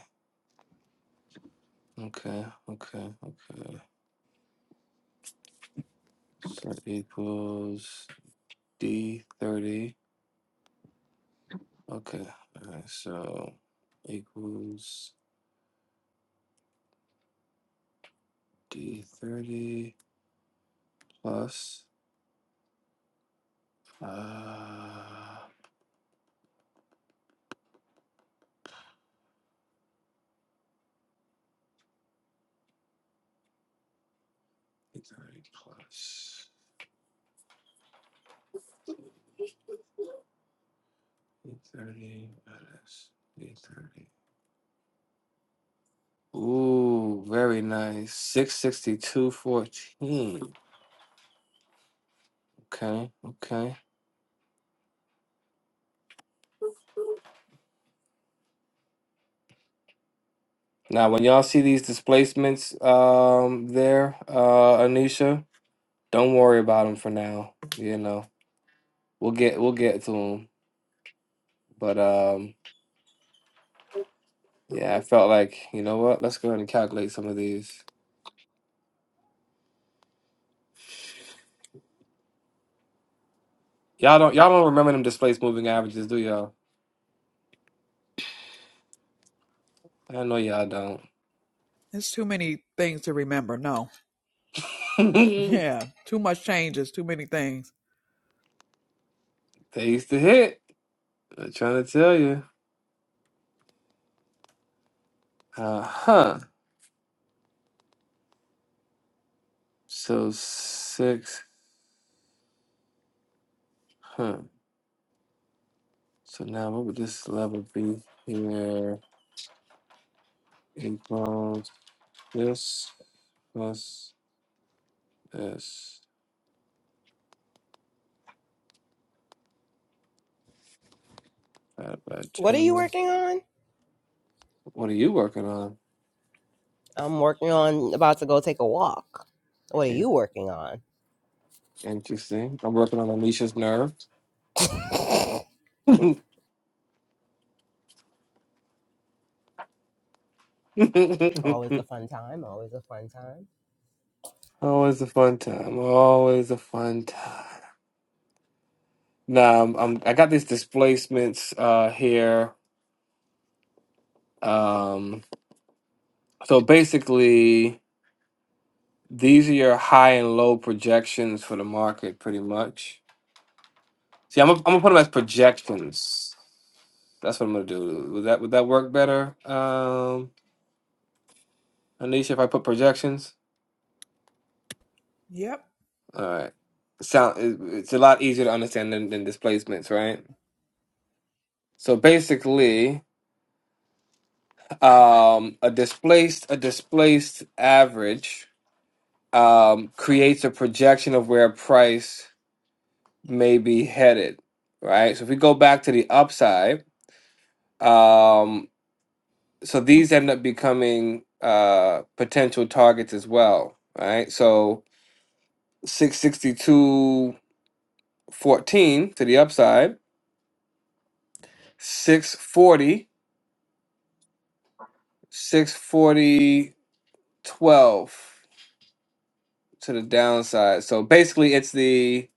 B: Okay, okay, okay. So equals D thirty. Okay, all right, so equals D thirty plus uh D thirty plus D thirty minus D thirty. Ooh, very nice. Six sixty two fourteen. Okay, okay. Now, when y'all see these displacements um, there, uh, Anisha, don't worry about them for now. You know, we'll get we'll get to them. But um, yeah, I felt like you know what? Let's go ahead and calculate some of these. Y'all don't y'all don't remember them displaced moving averages, do y'all? I know y'all don't.
A: it's too many things to remember. No, yeah, too much changes, too many things.
B: they used to hit. I'm trying to tell you. Uh huh. So six. Huh. So now what would this level be here? Eight This plus this divided by
C: What are you
B: two.
C: working on?
B: What are you working on?
C: I'm working on about to go take a walk. What are you
B: In-
C: working on?
B: Interesting. I'm working on Alicia's nerve.
C: Always a fun time. Always a fun time.
B: Always a fun time. Always a fun time. Now I'm, I'm I got these displacements uh here. Um so basically these are your high and low projections for the market pretty much. See, I'm gonna, I'm gonna put them as projections. That's what I'm gonna do. Would that would that work better? Um Anisha, if I put projections,
A: Yep.
B: all right, sound it- it's a lot easier to understand than, than displacements, right? So basically, um, a displaced a displaced average um, creates a projection of where price may be headed, right? So if we go back to the upside, um, so these end up becoming uh, potential targets as well, right? So six sixty two fourteen to the upside Six forty, six forty twelve to the downside. So basically, it's the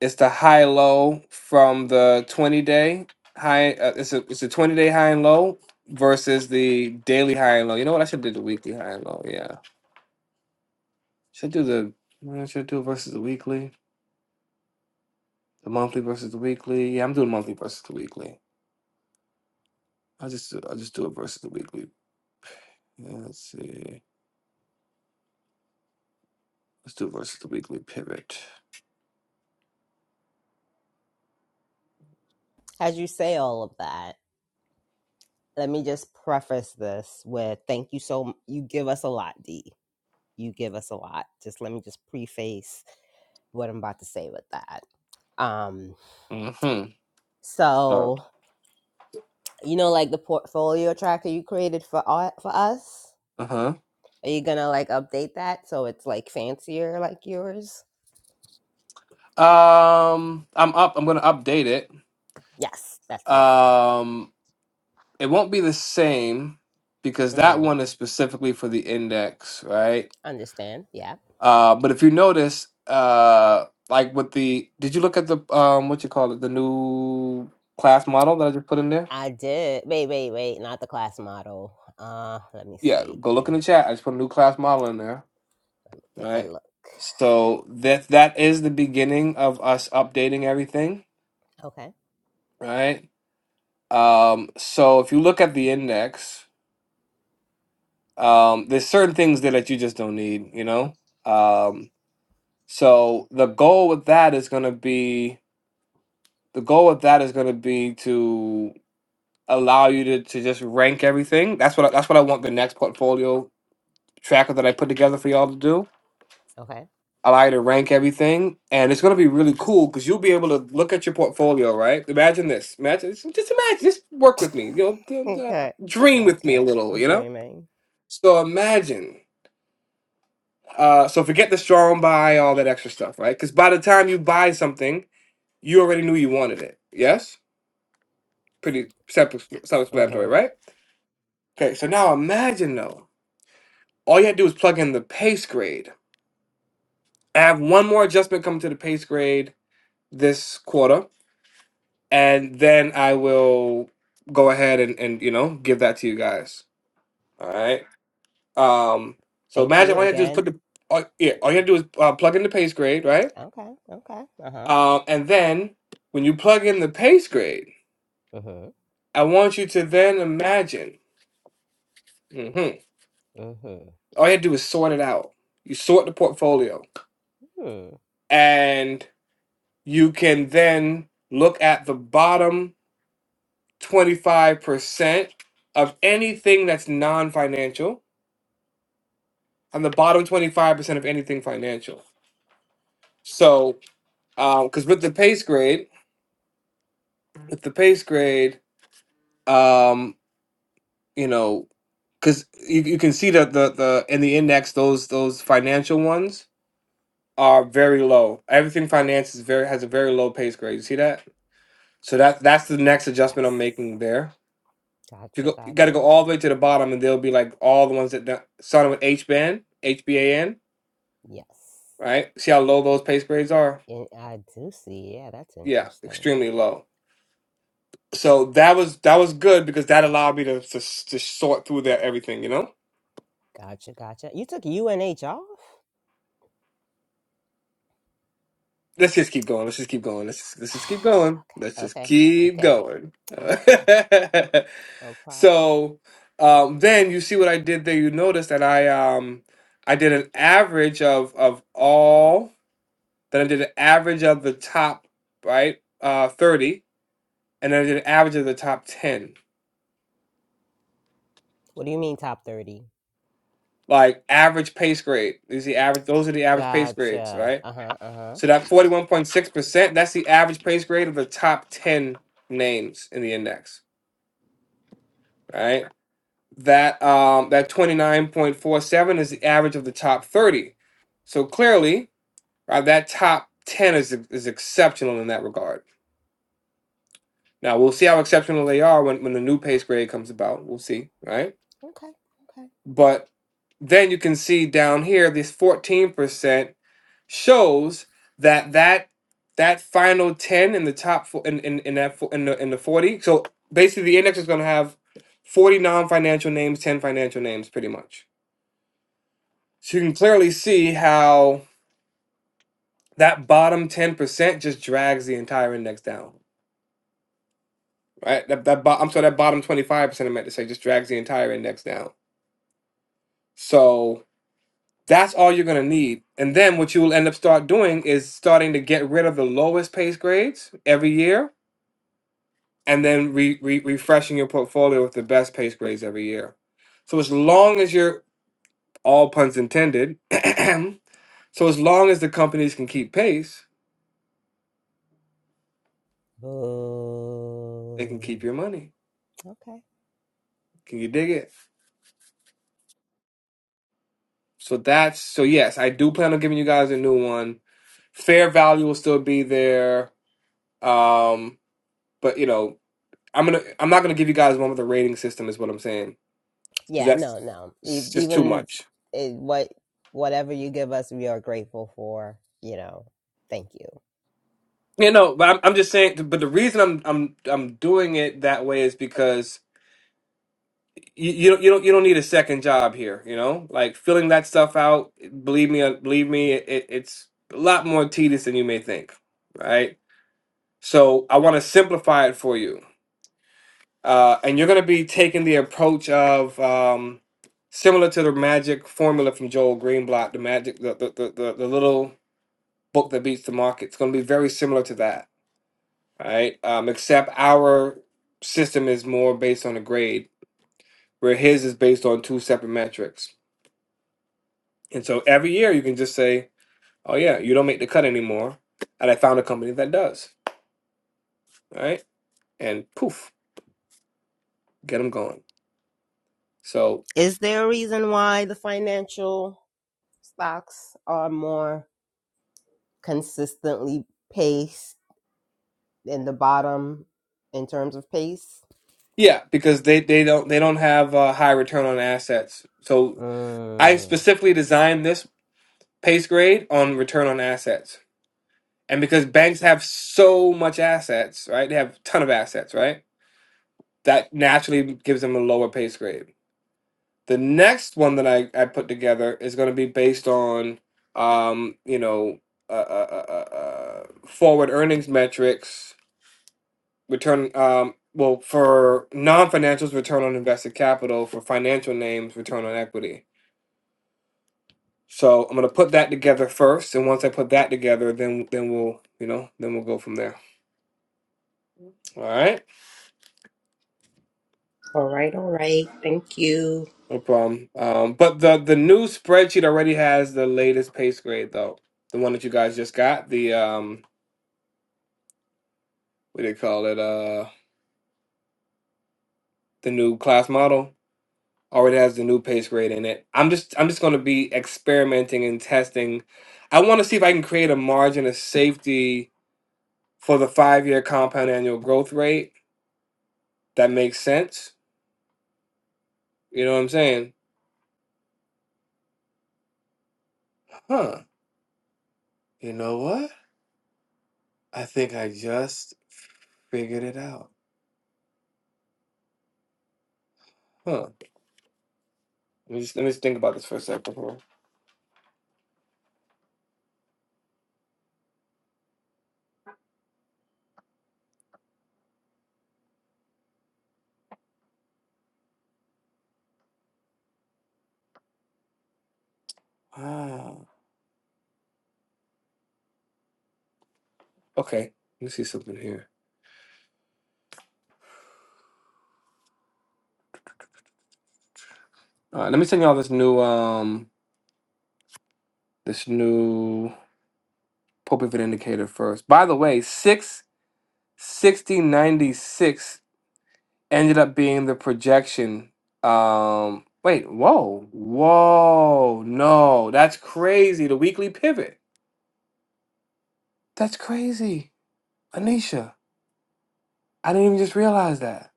B: it's the high low from the 20 day high. Uh, it's a it's a 20 day high and low versus the daily high and low. You know what? I should do the weekly high and low. Yeah, should do the what I should I do versus the weekly, the monthly versus the weekly. Yeah, I'm doing monthly versus the weekly. I will just do- I'll just do it versus the weekly. Yeah, let's see. Let's do versus the weekly pivot.
C: As you say all of that, let me just preface this with thank you so m- you give us a lot, D. You give us a lot. Just let me just preface what I'm about to say with that. Um,
B: Mm-hmm. Oh.
C: so you know, like the portfolio tracker you created for au- for us,
B: Uh huh.
C: are you gonna like update that so it's like fancier like yours?
B: Um, I'm up. I'm gonna update it.
C: Yes, that's the word.
B: Um, it won't be the same because that
C: Mm-hmm.
B: one is specifically for the index, right?
C: Understand? Yeah,
B: Uh, but if you notice, uh, like with the, did you look at the um, what you call it, the new class model that I just put in there?
C: I did. Wait, wait, wait. Not the class model. Uh, let me
B: Yeah,
C: see
B: go look in
C: here.
B: the chat. I just put a new class model in there,
C: Let me take a
B: right?
C: look.
B: So that that is the beginning of us updating everything,
C: Okay.
B: right? Um, so if you look at the index. Um, there's certain things there that you just don't need, you know? Um, so the goal with that is gonna be the goal with that is gonna be to allow you to, to just rank everything. That's what I, that's what I want the next portfolio tracker that I put together for y'all to do.
C: Okay.
B: Allow you to rank everything, and it's gonna be really cool because you'll be able to look at your portfolio. Right? Imagine this. Imagine just imagine. Just work with me. You know, d- d-
C: Okay.
B: dream with me a
C: Okay.
B: little. You know.
C: Dreaming.
B: So imagine Uh, so forget the strong buy, all that extra stuff, right? Because by the time you buy something, you already knew you wanted it. Yes, pretty self- self-explanatory,
C: Uh-huh.
B: right? Okay, so now imagine though, all you have to do is plug in the pace grade. I have one more adjustment coming to the pace grade this quarter, and then I will go ahead and, and you know give that to you guys. All right. Um. So
C: Thank
B: imagine
C: you
B: all you have to do is put
C: again.
B: the all, yeah, all you have to do is uh, plug in the pace grade, right?
C: Okay. Okay. Uh-huh.
B: Um, and then when you plug in the pace grade,
C: Uh-huh.
B: I want you to then imagine. hmm
C: Uh-huh.
B: All you have to do is sort it out. You sort the portfolio,
C: Hmm.
B: and you can then look at the bottom 25% of anything that's non financial and the bottom 25% of anything financial. So, because with the pace grade, with the pace grade, um, you know, because you, you can see that the the in the index those those financial ones are very low. Everything finance is very has a very low pace grade. You see that? So that that's the next adjustment I'm
C: Yes.
B: making there. If you
C: Gotcha,
B: go, you got to go
C: gotcha.
B: all the way to the bottom, and they'll be like all the ones that don't- with H band, HBAN,
C: Yes.
B: right? See how low those pace grades are?
C: And I do see. Yeah, that's
B: Yeah,
C: interesting.
B: extremely low. So that was that was good because that allowed me to to, to sort through that everything, you know.
C: Gotcha, gotcha. You took UNH off?
B: Let's just keep going. Let's just keep going. Let's just, let's just keep going.
C: okay,
B: Let's just
C: okay,
B: keep
C: okay,
B: going.
C: okay. No problem.
B: so um, then you see what I did there. You notice that I um I did an average of of all. Then I did an average of the top right uh, thirty, and then I did an average of the top ten.
C: What do you mean top 30?
B: Like average pace grade. These the average. Those are the average pace grades,
C: Gotcha.
B: right?
C: Uh huh, uh huh.
B: So that forty one point six percent. That's the average pace grade of the top ten names in the index, right? That um, that 29.47 is the average of the top 30. So clearly, right that top 10 is is exceptional in that regard. Now we'll see how exceptional they are when, when the new pace grade comes about. We'll see, right?
C: Okay, okay.
B: But then you can see down here this 14% shows that that that final 10 in the top fo- in in, in that fo- in the in the 40 so basically the index is going to have 40 non-financial names 10 financial names pretty much So you can clearly see how that bottom 10% just drags the entire index down, right? That, that bo- I'm sorry, that bottom 25% I meant to say just drags the entire index down. So that's all you're going to need. And then what you will end up start doing is starting to get rid of the lowest pace grades every year and then re- re- refreshing your portfolio with the best pace grades every year. So as long as you're all puns intended, so as long as the companies can keep pace, they can
C: Boo.
B: keep your money.
C: Okay.
B: Can you dig it? So that's so yes, I do plan on giving you guys a new one. Fair value will still be there. Um, but you know, I'm gonna I'm not gonna give you guys one with a rating system is what I'm saying. 'Cause
C: Yeah,
B: That's
C: no, no. E-
B: it's just too
C: even
B: much.
C: it, what whatever you give us, we are grateful for, you know. Thank you.
B: You know, but I'm, I'm just saying. But the reason I'm I'm I'm doing it that way is because you, you don't you don't you don't need a second job here. You know, like filling that stuff out. Believe me, uh, believe me, it, it's a lot more tedious than you may think. Right. So I want to simplify it for you uh, and you're going to be taking the approach of um, similar to the magic formula from Joel Greenblatt, the magic, the the, the, the, the little book that beats the market. It's going to be very similar to that, right? Um, except our system is more based on a grade, where his is based on two separate metrics. And so every year you can just say, "Oh yeah, you don't make the cut anymore," and I found a company that does, right? And poof, get them going. So
C: Is there a reason why the financial? Stocks are more consistently paced in the bottom in terms of pace.
B: Yeah, because they they don't they don't have a high return on assets. So I
C: Mm.
B: specifically designed this pace grade on return on assets. And because banks have so much assets, right? They have a ton of assets, right? That naturally gives them a lower pace grade. The next one that I, I put together is going to be based on, um, you know, uh, uh, uh, uh, uh, forward earnings metrics return um well for non-financials return on invested capital for financial names return on equity so i'm going to put that together first and once i put that together then then we'll you know then we'll go from there all right
C: All right, all right. Thank you.
B: no problem um but the the new spreadsheet already has the latest pace grade though the one that you guys just got the um what do they call it uh the new class model already has the new pace grade in it. I'm just I'm just going to be experimenting and testing. I want to see if I can create a margin of safety for the five year compound annual growth rate that makes sense. You know what I'm saying? Huh. You know what? I think I just figured it out. Huh. Let me just, let me just think about this for a second here. Wow. Okay. Let me see something here. All right. Let me send y'all this new um this new pulpit indicator first. By the way, six 6096 ended up being the projection. Um, wait, whoa, whoa, no, that's crazy. The weekly pivot. That's crazy, Anisha. I didn't even just realize that.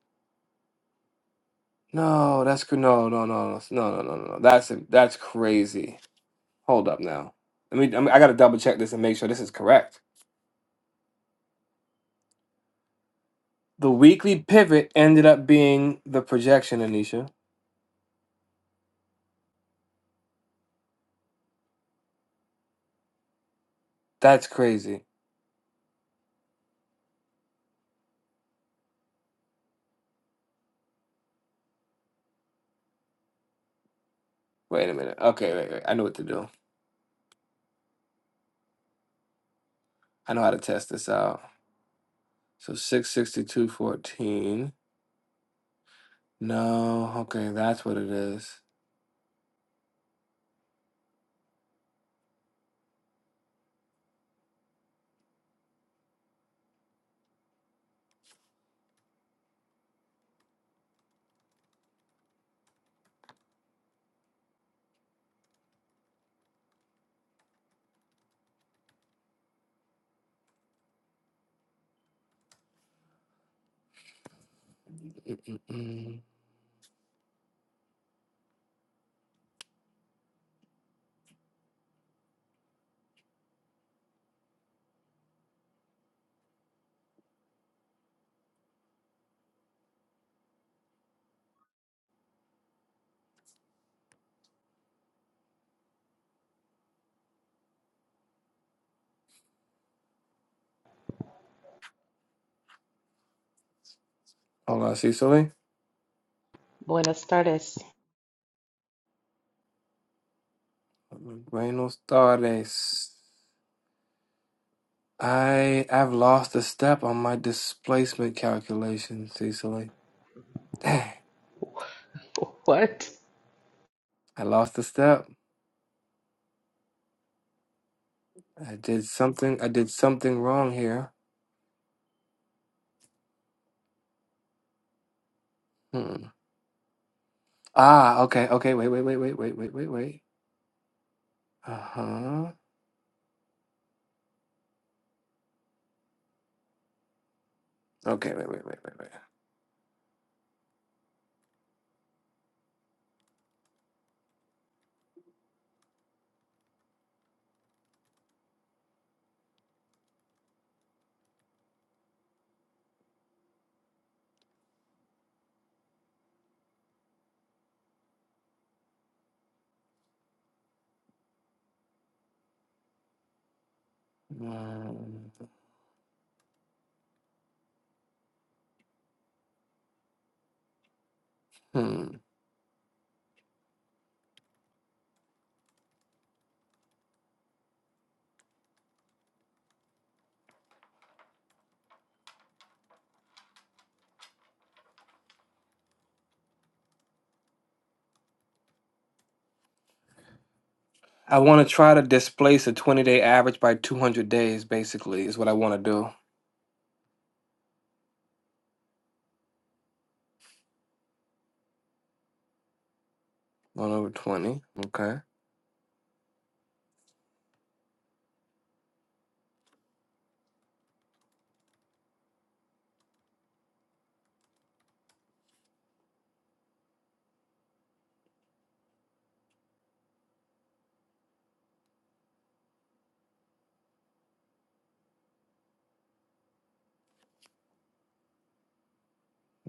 B: No, that's cr- no, no, no, no, no, no, no, no. That's that's crazy. Hold up now. Let me. I, mean, I got to double check this and make sure this is correct. The weekly pivot ended up being the projection, Anisha. That's crazy. Wait a minute. Okay, wait, wait. I know what to do. I know how to test this out. So 662.14. No, okay, that's what it is. Mm. Hold on, Cecily.
G: Buenas tardes.
B: Buenos tardes. I I've lost a step on my displacement calculation, Cecily. Dang,
G: What?
B: I lost a step. I did something. I did something wrong here. Hmm. Ah, okay, okay. Wait, wait, wait, wait, wait, wait, wait, wait. Uh huh. Okay, wait, wait, wait, wait, wait. Hmm. I want to try to displace a 20 day average by 200 days, basically, is what I want to do. One over 20. Okay.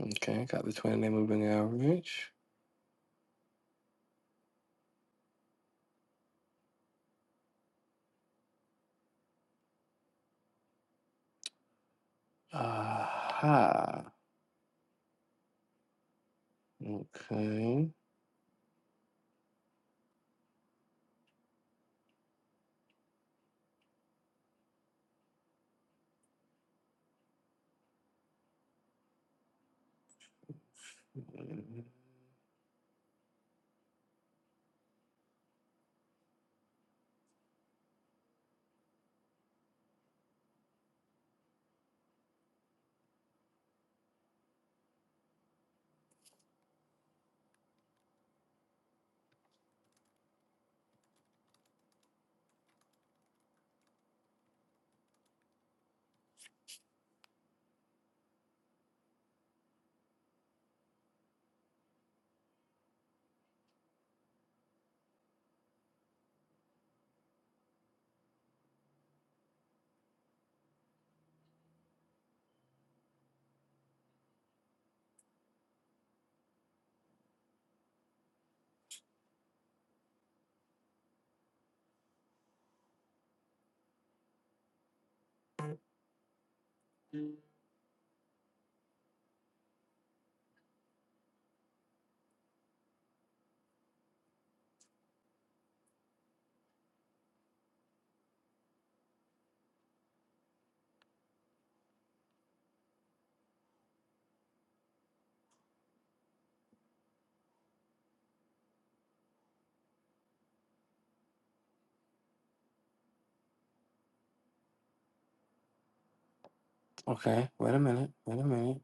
B: Okay. Got the 20 day moving average. Aha. Okay. Okay. Wait a minute. Wait a minute.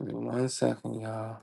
B: Give me one second, y'all.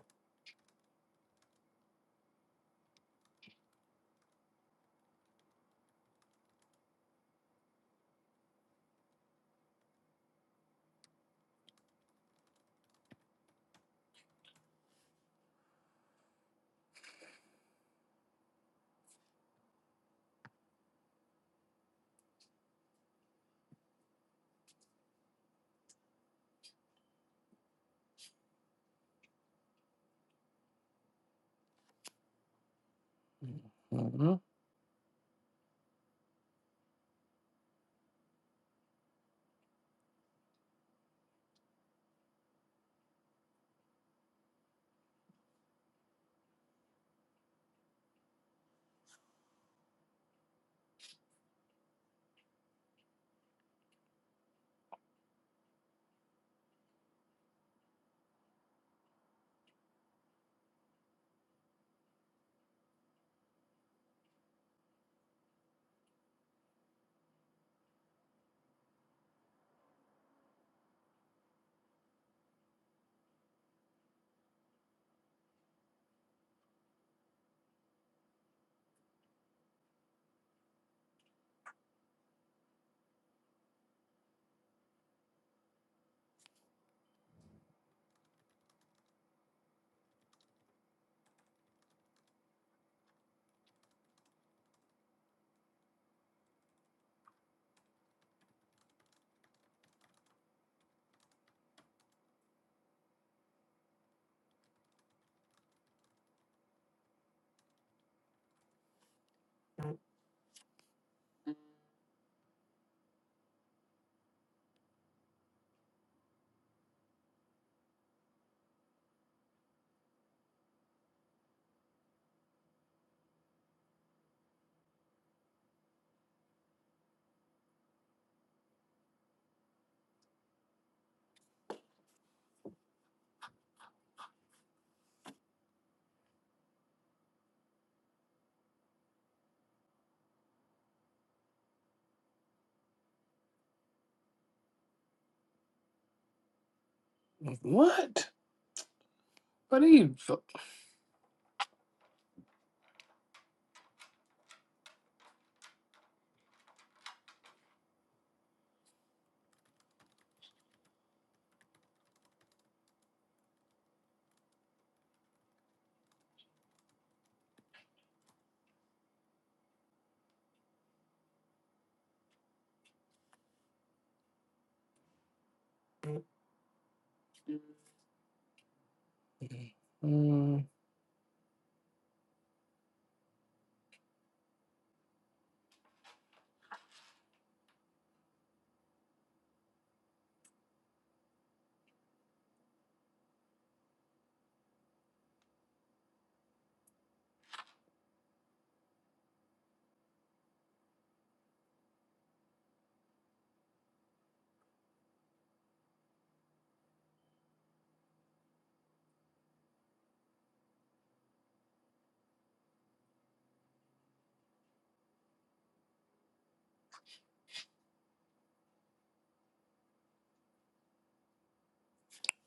B: Mhm. What? What are you. fu- Mm.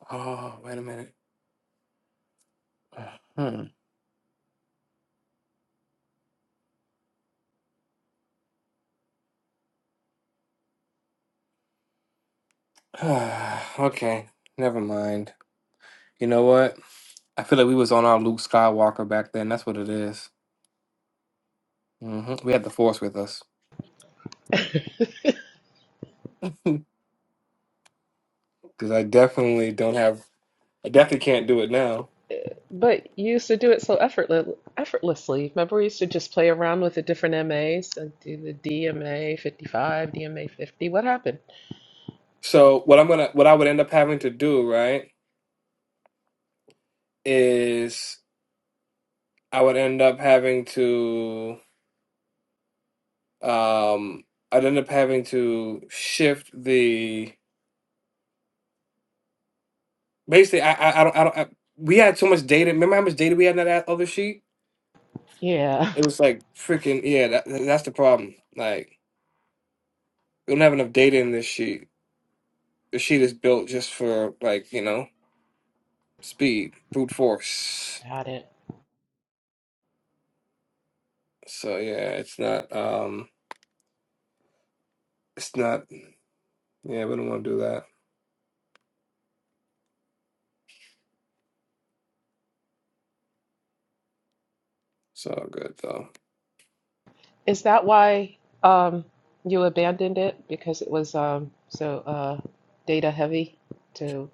B: Oh, wait a minute. Hmm. okay. Never mind. You know what? I feel like we was on our Luke Skywalker back then. That's what it is. hmm We had the force with us because I definitely don't have. I definitely can't do it now.
G: But you used to do it so effortless, effortlessly. Remember, we used to just play around with the different MAs and do the DMA 55, DMA 50. What happened?
B: So what I'm gonna, what I would end up having to do, right, is I would end up having to, um, I'd end up having to shift the. Basically, I, I, I don't, I don't. I, we had so much data. Remember how much data we had in that other sheet?
G: Yeah,
B: It was like freaking yeah. That, that's the problem. Like we don't have enough data in this sheet. The sheet is built just for like you know speed, brute force.
G: got it.
B: So yeah, it's not um it's not yeah, we don't want to do that. It's all good though.
G: Is that why um, you abandoned it? Because it was um, so uh, data heavy to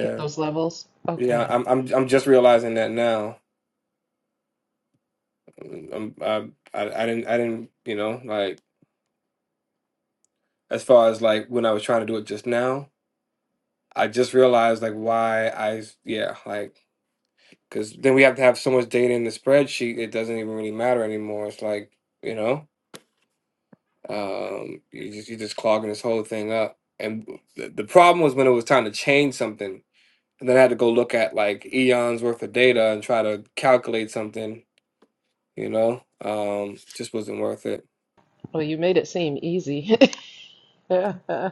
G: get those levels?
B: Yeah,
G: Okay.
B: I'm I'm I'm just realizing that now. I'm, I I I didn't I didn't, you know, like as far as like when I was trying to do it just now, I just realized like why I yeah, like cuz then we have to have so much data in the spreadsheet, it doesn't even really matter anymore. It's like, you know, um you just you're just clogging this whole thing up. And the, the problem was when it was time to change something and then I had to go look at like eons worth of data and try to calculate something, you know, um, just wasn't worth it.
G: Well, you made it seem easy.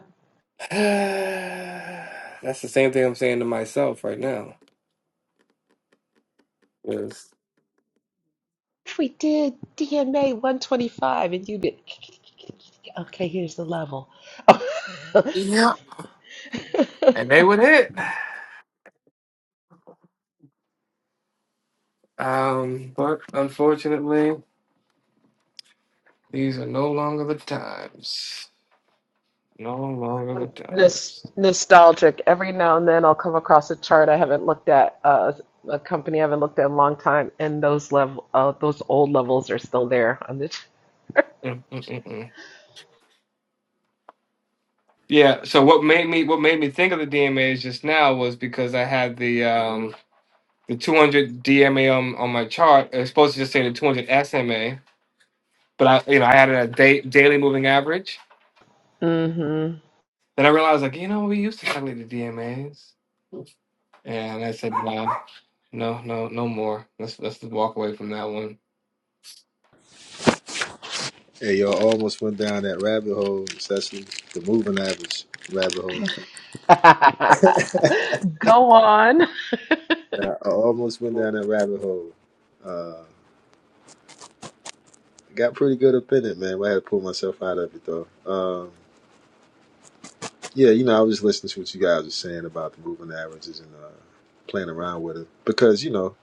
B: That's the same thing I'm saying to myself right now. Is
G: If we did DMA 125 and you did, okay, here's the level. Oh.
B: yeah, and they would hit. Um, but unfortunately, these are no longer the times. No longer the
G: Nos-
B: times.
G: nostalgic. Every now and then I'll come across a chart I haven't looked at, uh, a company I haven't looked at in a long time, and those level, uh, those old levels are still there on the.
B: Mm, mm, mm, mm. Yeah. So what made me what made me think of the DMAs just now was because I had the um the 200 DMA on, on my chart. It's supposed to just say the 200 SMA, but I, you know, I had a da- daily moving average.
G: Mm-hmm.
B: Then I realized, like, you know, we used to calculate the DMAs, and I said, nah, no, no, no more. Let's let's just walk away from that one.
F: Hey, y'all almost went down that rabbit hole, Cecily. The moving average rabbit hole.
G: Go on.
F: Nah, I almost went down that rabbit hole. Uh, got pretty good up in it, man. But I had to pull myself out of it, though. Um, yeah, you know, I was listening to what you guys were saying about the moving averages and uh, playing around with it because, you know,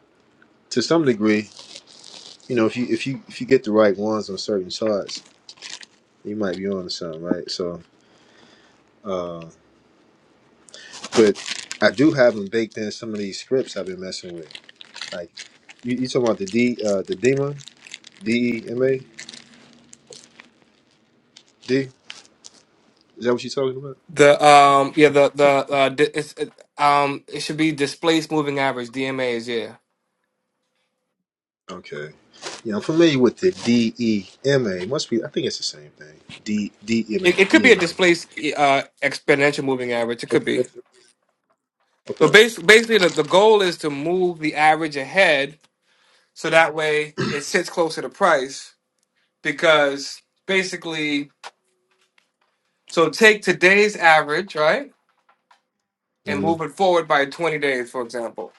F: to some degree, you know, if you if you if you get the right ones on certain charts. You might be on to something, right? So, uh, but I do have them baked in some of these scripts I've been messing with. Like, you, you talking about the D, uh, the Dema, D E M A D? Is that what you're talking about?
B: The um, yeah, the the uh, di- it's, it, um, it should be displaced moving average DMAs. Yeah,
F: Okay. Yeah, I'm familiar with the D E M A. Must be, I think it's the same thing. D D E M
B: it, it
F: A
B: could
F: E
B: be a
F: M A.
B: displaced uh exponential moving average. It could be. So
F: Okay.
B: basically, basically the, the goal is to move the average ahead so that way it sits closer to price because basically so take today's average right and
F: hmm
B: move it forward by 20 days for example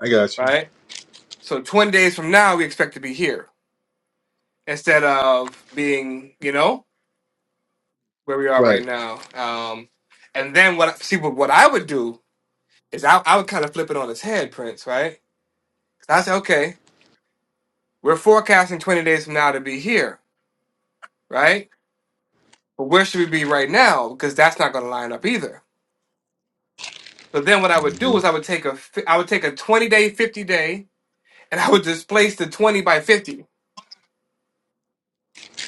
F: I got you.
B: right so 20 days from now we expect to be here instead of being you know where we are right
F: Right.
B: now um and then what see what, what i would do is I, I would kind of flip it on its head prince right i say okay we're forecasting 20 days from now to be here right but where should we be right now because that's not going to line up either So then what I would
F: hmm
B: do is I would take a fi- I would take a 20 day, 50 day, and I would displace the 20 by 50.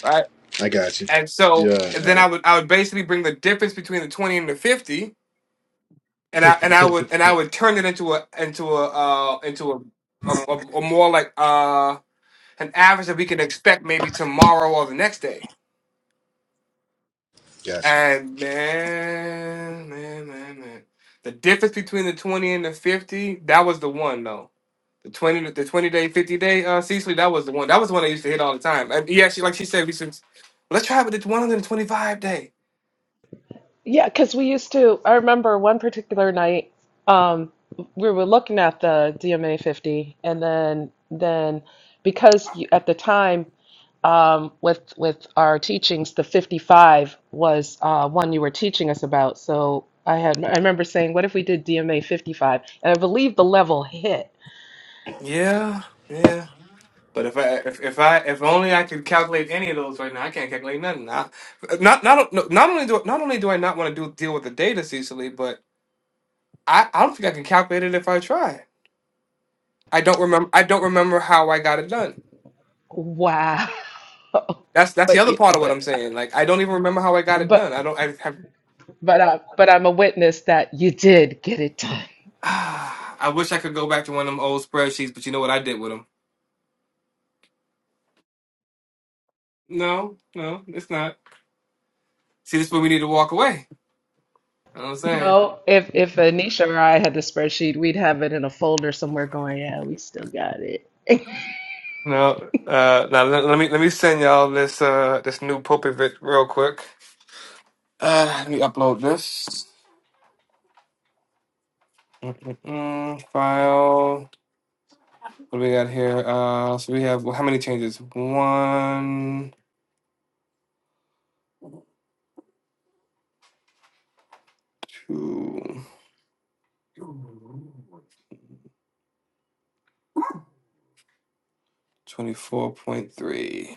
B: Right.
F: I got you.
B: And
F: Yeah,
B: so and
F: I
B: then I would I would basically bring the difference between the 20 and the 50 and I and I would and I would turn it into a into a uh into a a, a, a more like uh an average that we can expect maybe tomorrow or the next day.
F: got you.
B: And man, man, man, man. The difference between the 20 and the 50, that was the one though. The 20 the 20 day, 50 day uh Cecily, that was the one. That was the one I used to hit all the time. And yeah, she like she said, we should let's try with the 125 day.
G: Yeah, because we used to, I remember one particular night, um, we were looking at the DMA 50, and then then because you, at the time um, with with our teachings, the 55 was uh, one you were teaching us about. So I had, I remember saying, what if we did DMA 55? And I believe the level hit.
B: Yeah, yeah. But if I if, if I if only I could calculate any of those right now, I can't calculate nothing. I, not not not not only do not only do I not want to do deal with the data, Cecily, but I, I don't think I can calculate it if I try. I don't remember I don't remember how I got it done.
G: Wow.
B: That's that's the
G: But
B: other
G: you,
B: part of what I'm
G: but
B: saying. Like I don't even remember how I got it done. I
G: but
B: don't. I have.
G: but uh, but I'm a witness that you did get it done.
B: Ah, I wish I could go back to one of them old spreadsheets, but you know what I did with them? No, no, it's not. See, this is where we need to walk away. You know what I'm saying?
G: No, if if Anisha or I had the spreadsheet, we'd have it in a folder somewhere going, yeah, we still got it.
B: No. Uh, now let, let me let me send y'all this uh this new Popovit real quick. Uh, let me upload this. Mm-mm-mm. File. What do we got here? Uh, so we have how many changes? One, two, twenty-four point three.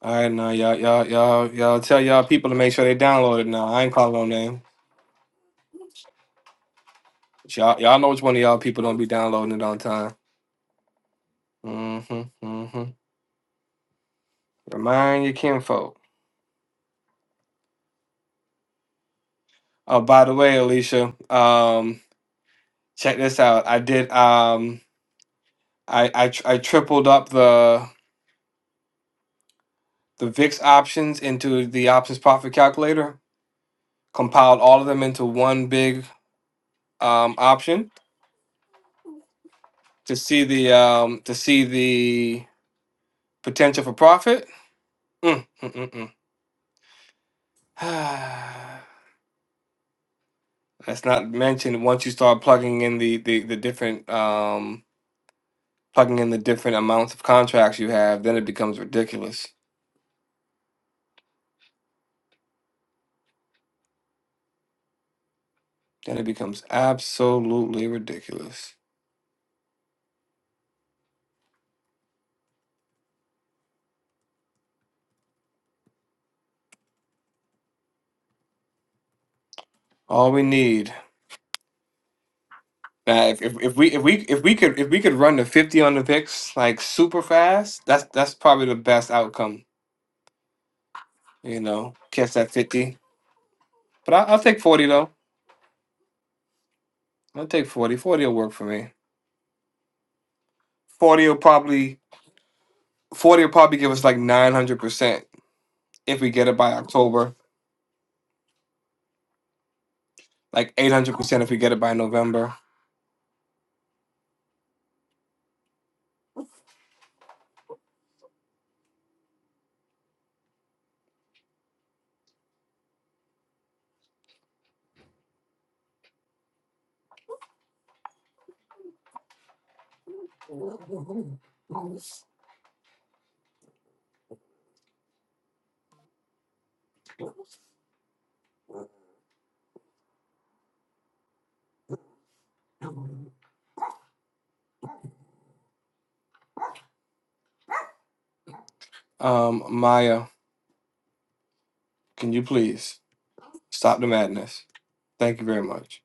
B: All right, now y'all, y'all, y'all, y'all tell y'all people to make sure they download it. Now I ain't calling no name. But y'all, y'all know which one of y'all people don't be downloading it on time. Mm-hmm. Mm-hmm. Remind your kinfolk. Oh, by the way, Alicia, um, check this out. I did. Um, I I, tr- I tripled up the the VIX options into the options profit calculator. Compiled all of them into one big um option to see the um to see the potential for profit. Mm, mm, mm, mm. That's not mentioned once you start plugging in the, the, the different um plugging in the different amounts of contracts you have, then it becomes ridiculous. Then it becomes absolutely ridiculous. All we need now if, if, if we if we if we could if we could run to fifty on the picks like super fast, that's that's probably the best outcome. You know, catch that fifty. But I, I'll take forty though. I'll take forty. Forty will work for me. Forty will probably forty will probably give us like nine hundred percent if we get it by October, like 800% if we get it by November. Um, Maya, can you please stop the madness? Thank you very much.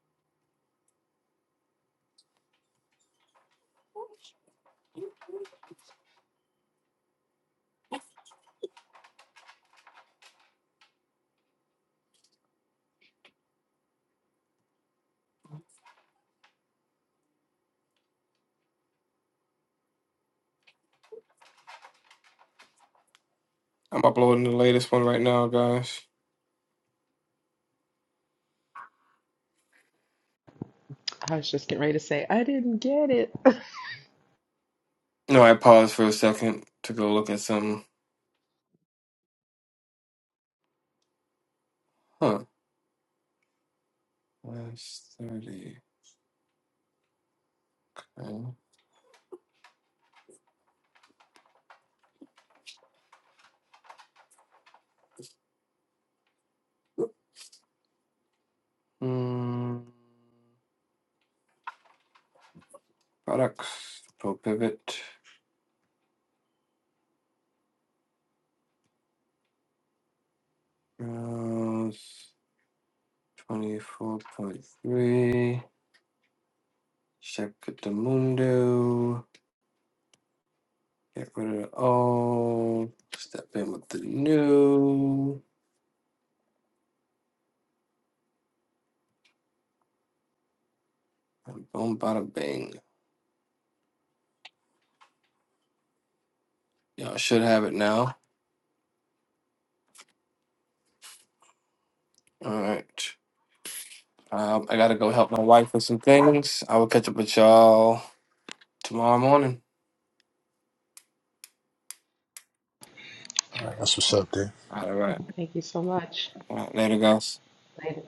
B: I'm uploading the latest one right now, guys.
G: I was just getting ready to say, I didn't get it.
B: No, I paused for a second to go look at some. Huh. Last 30. Okay. Hmm. products. Pro pivot. Browse. 24.3. Check the mundo. Get rid of all. Step in with the new. Boom, bada bing. Y'all should have it now. All right. Um, I gotta go help my wife with some things. I will catch up with y'all tomorrow morning.
F: All right, that's what's up,
B: All right.
G: Thank you so much.
B: All right later, guys.
G: Later.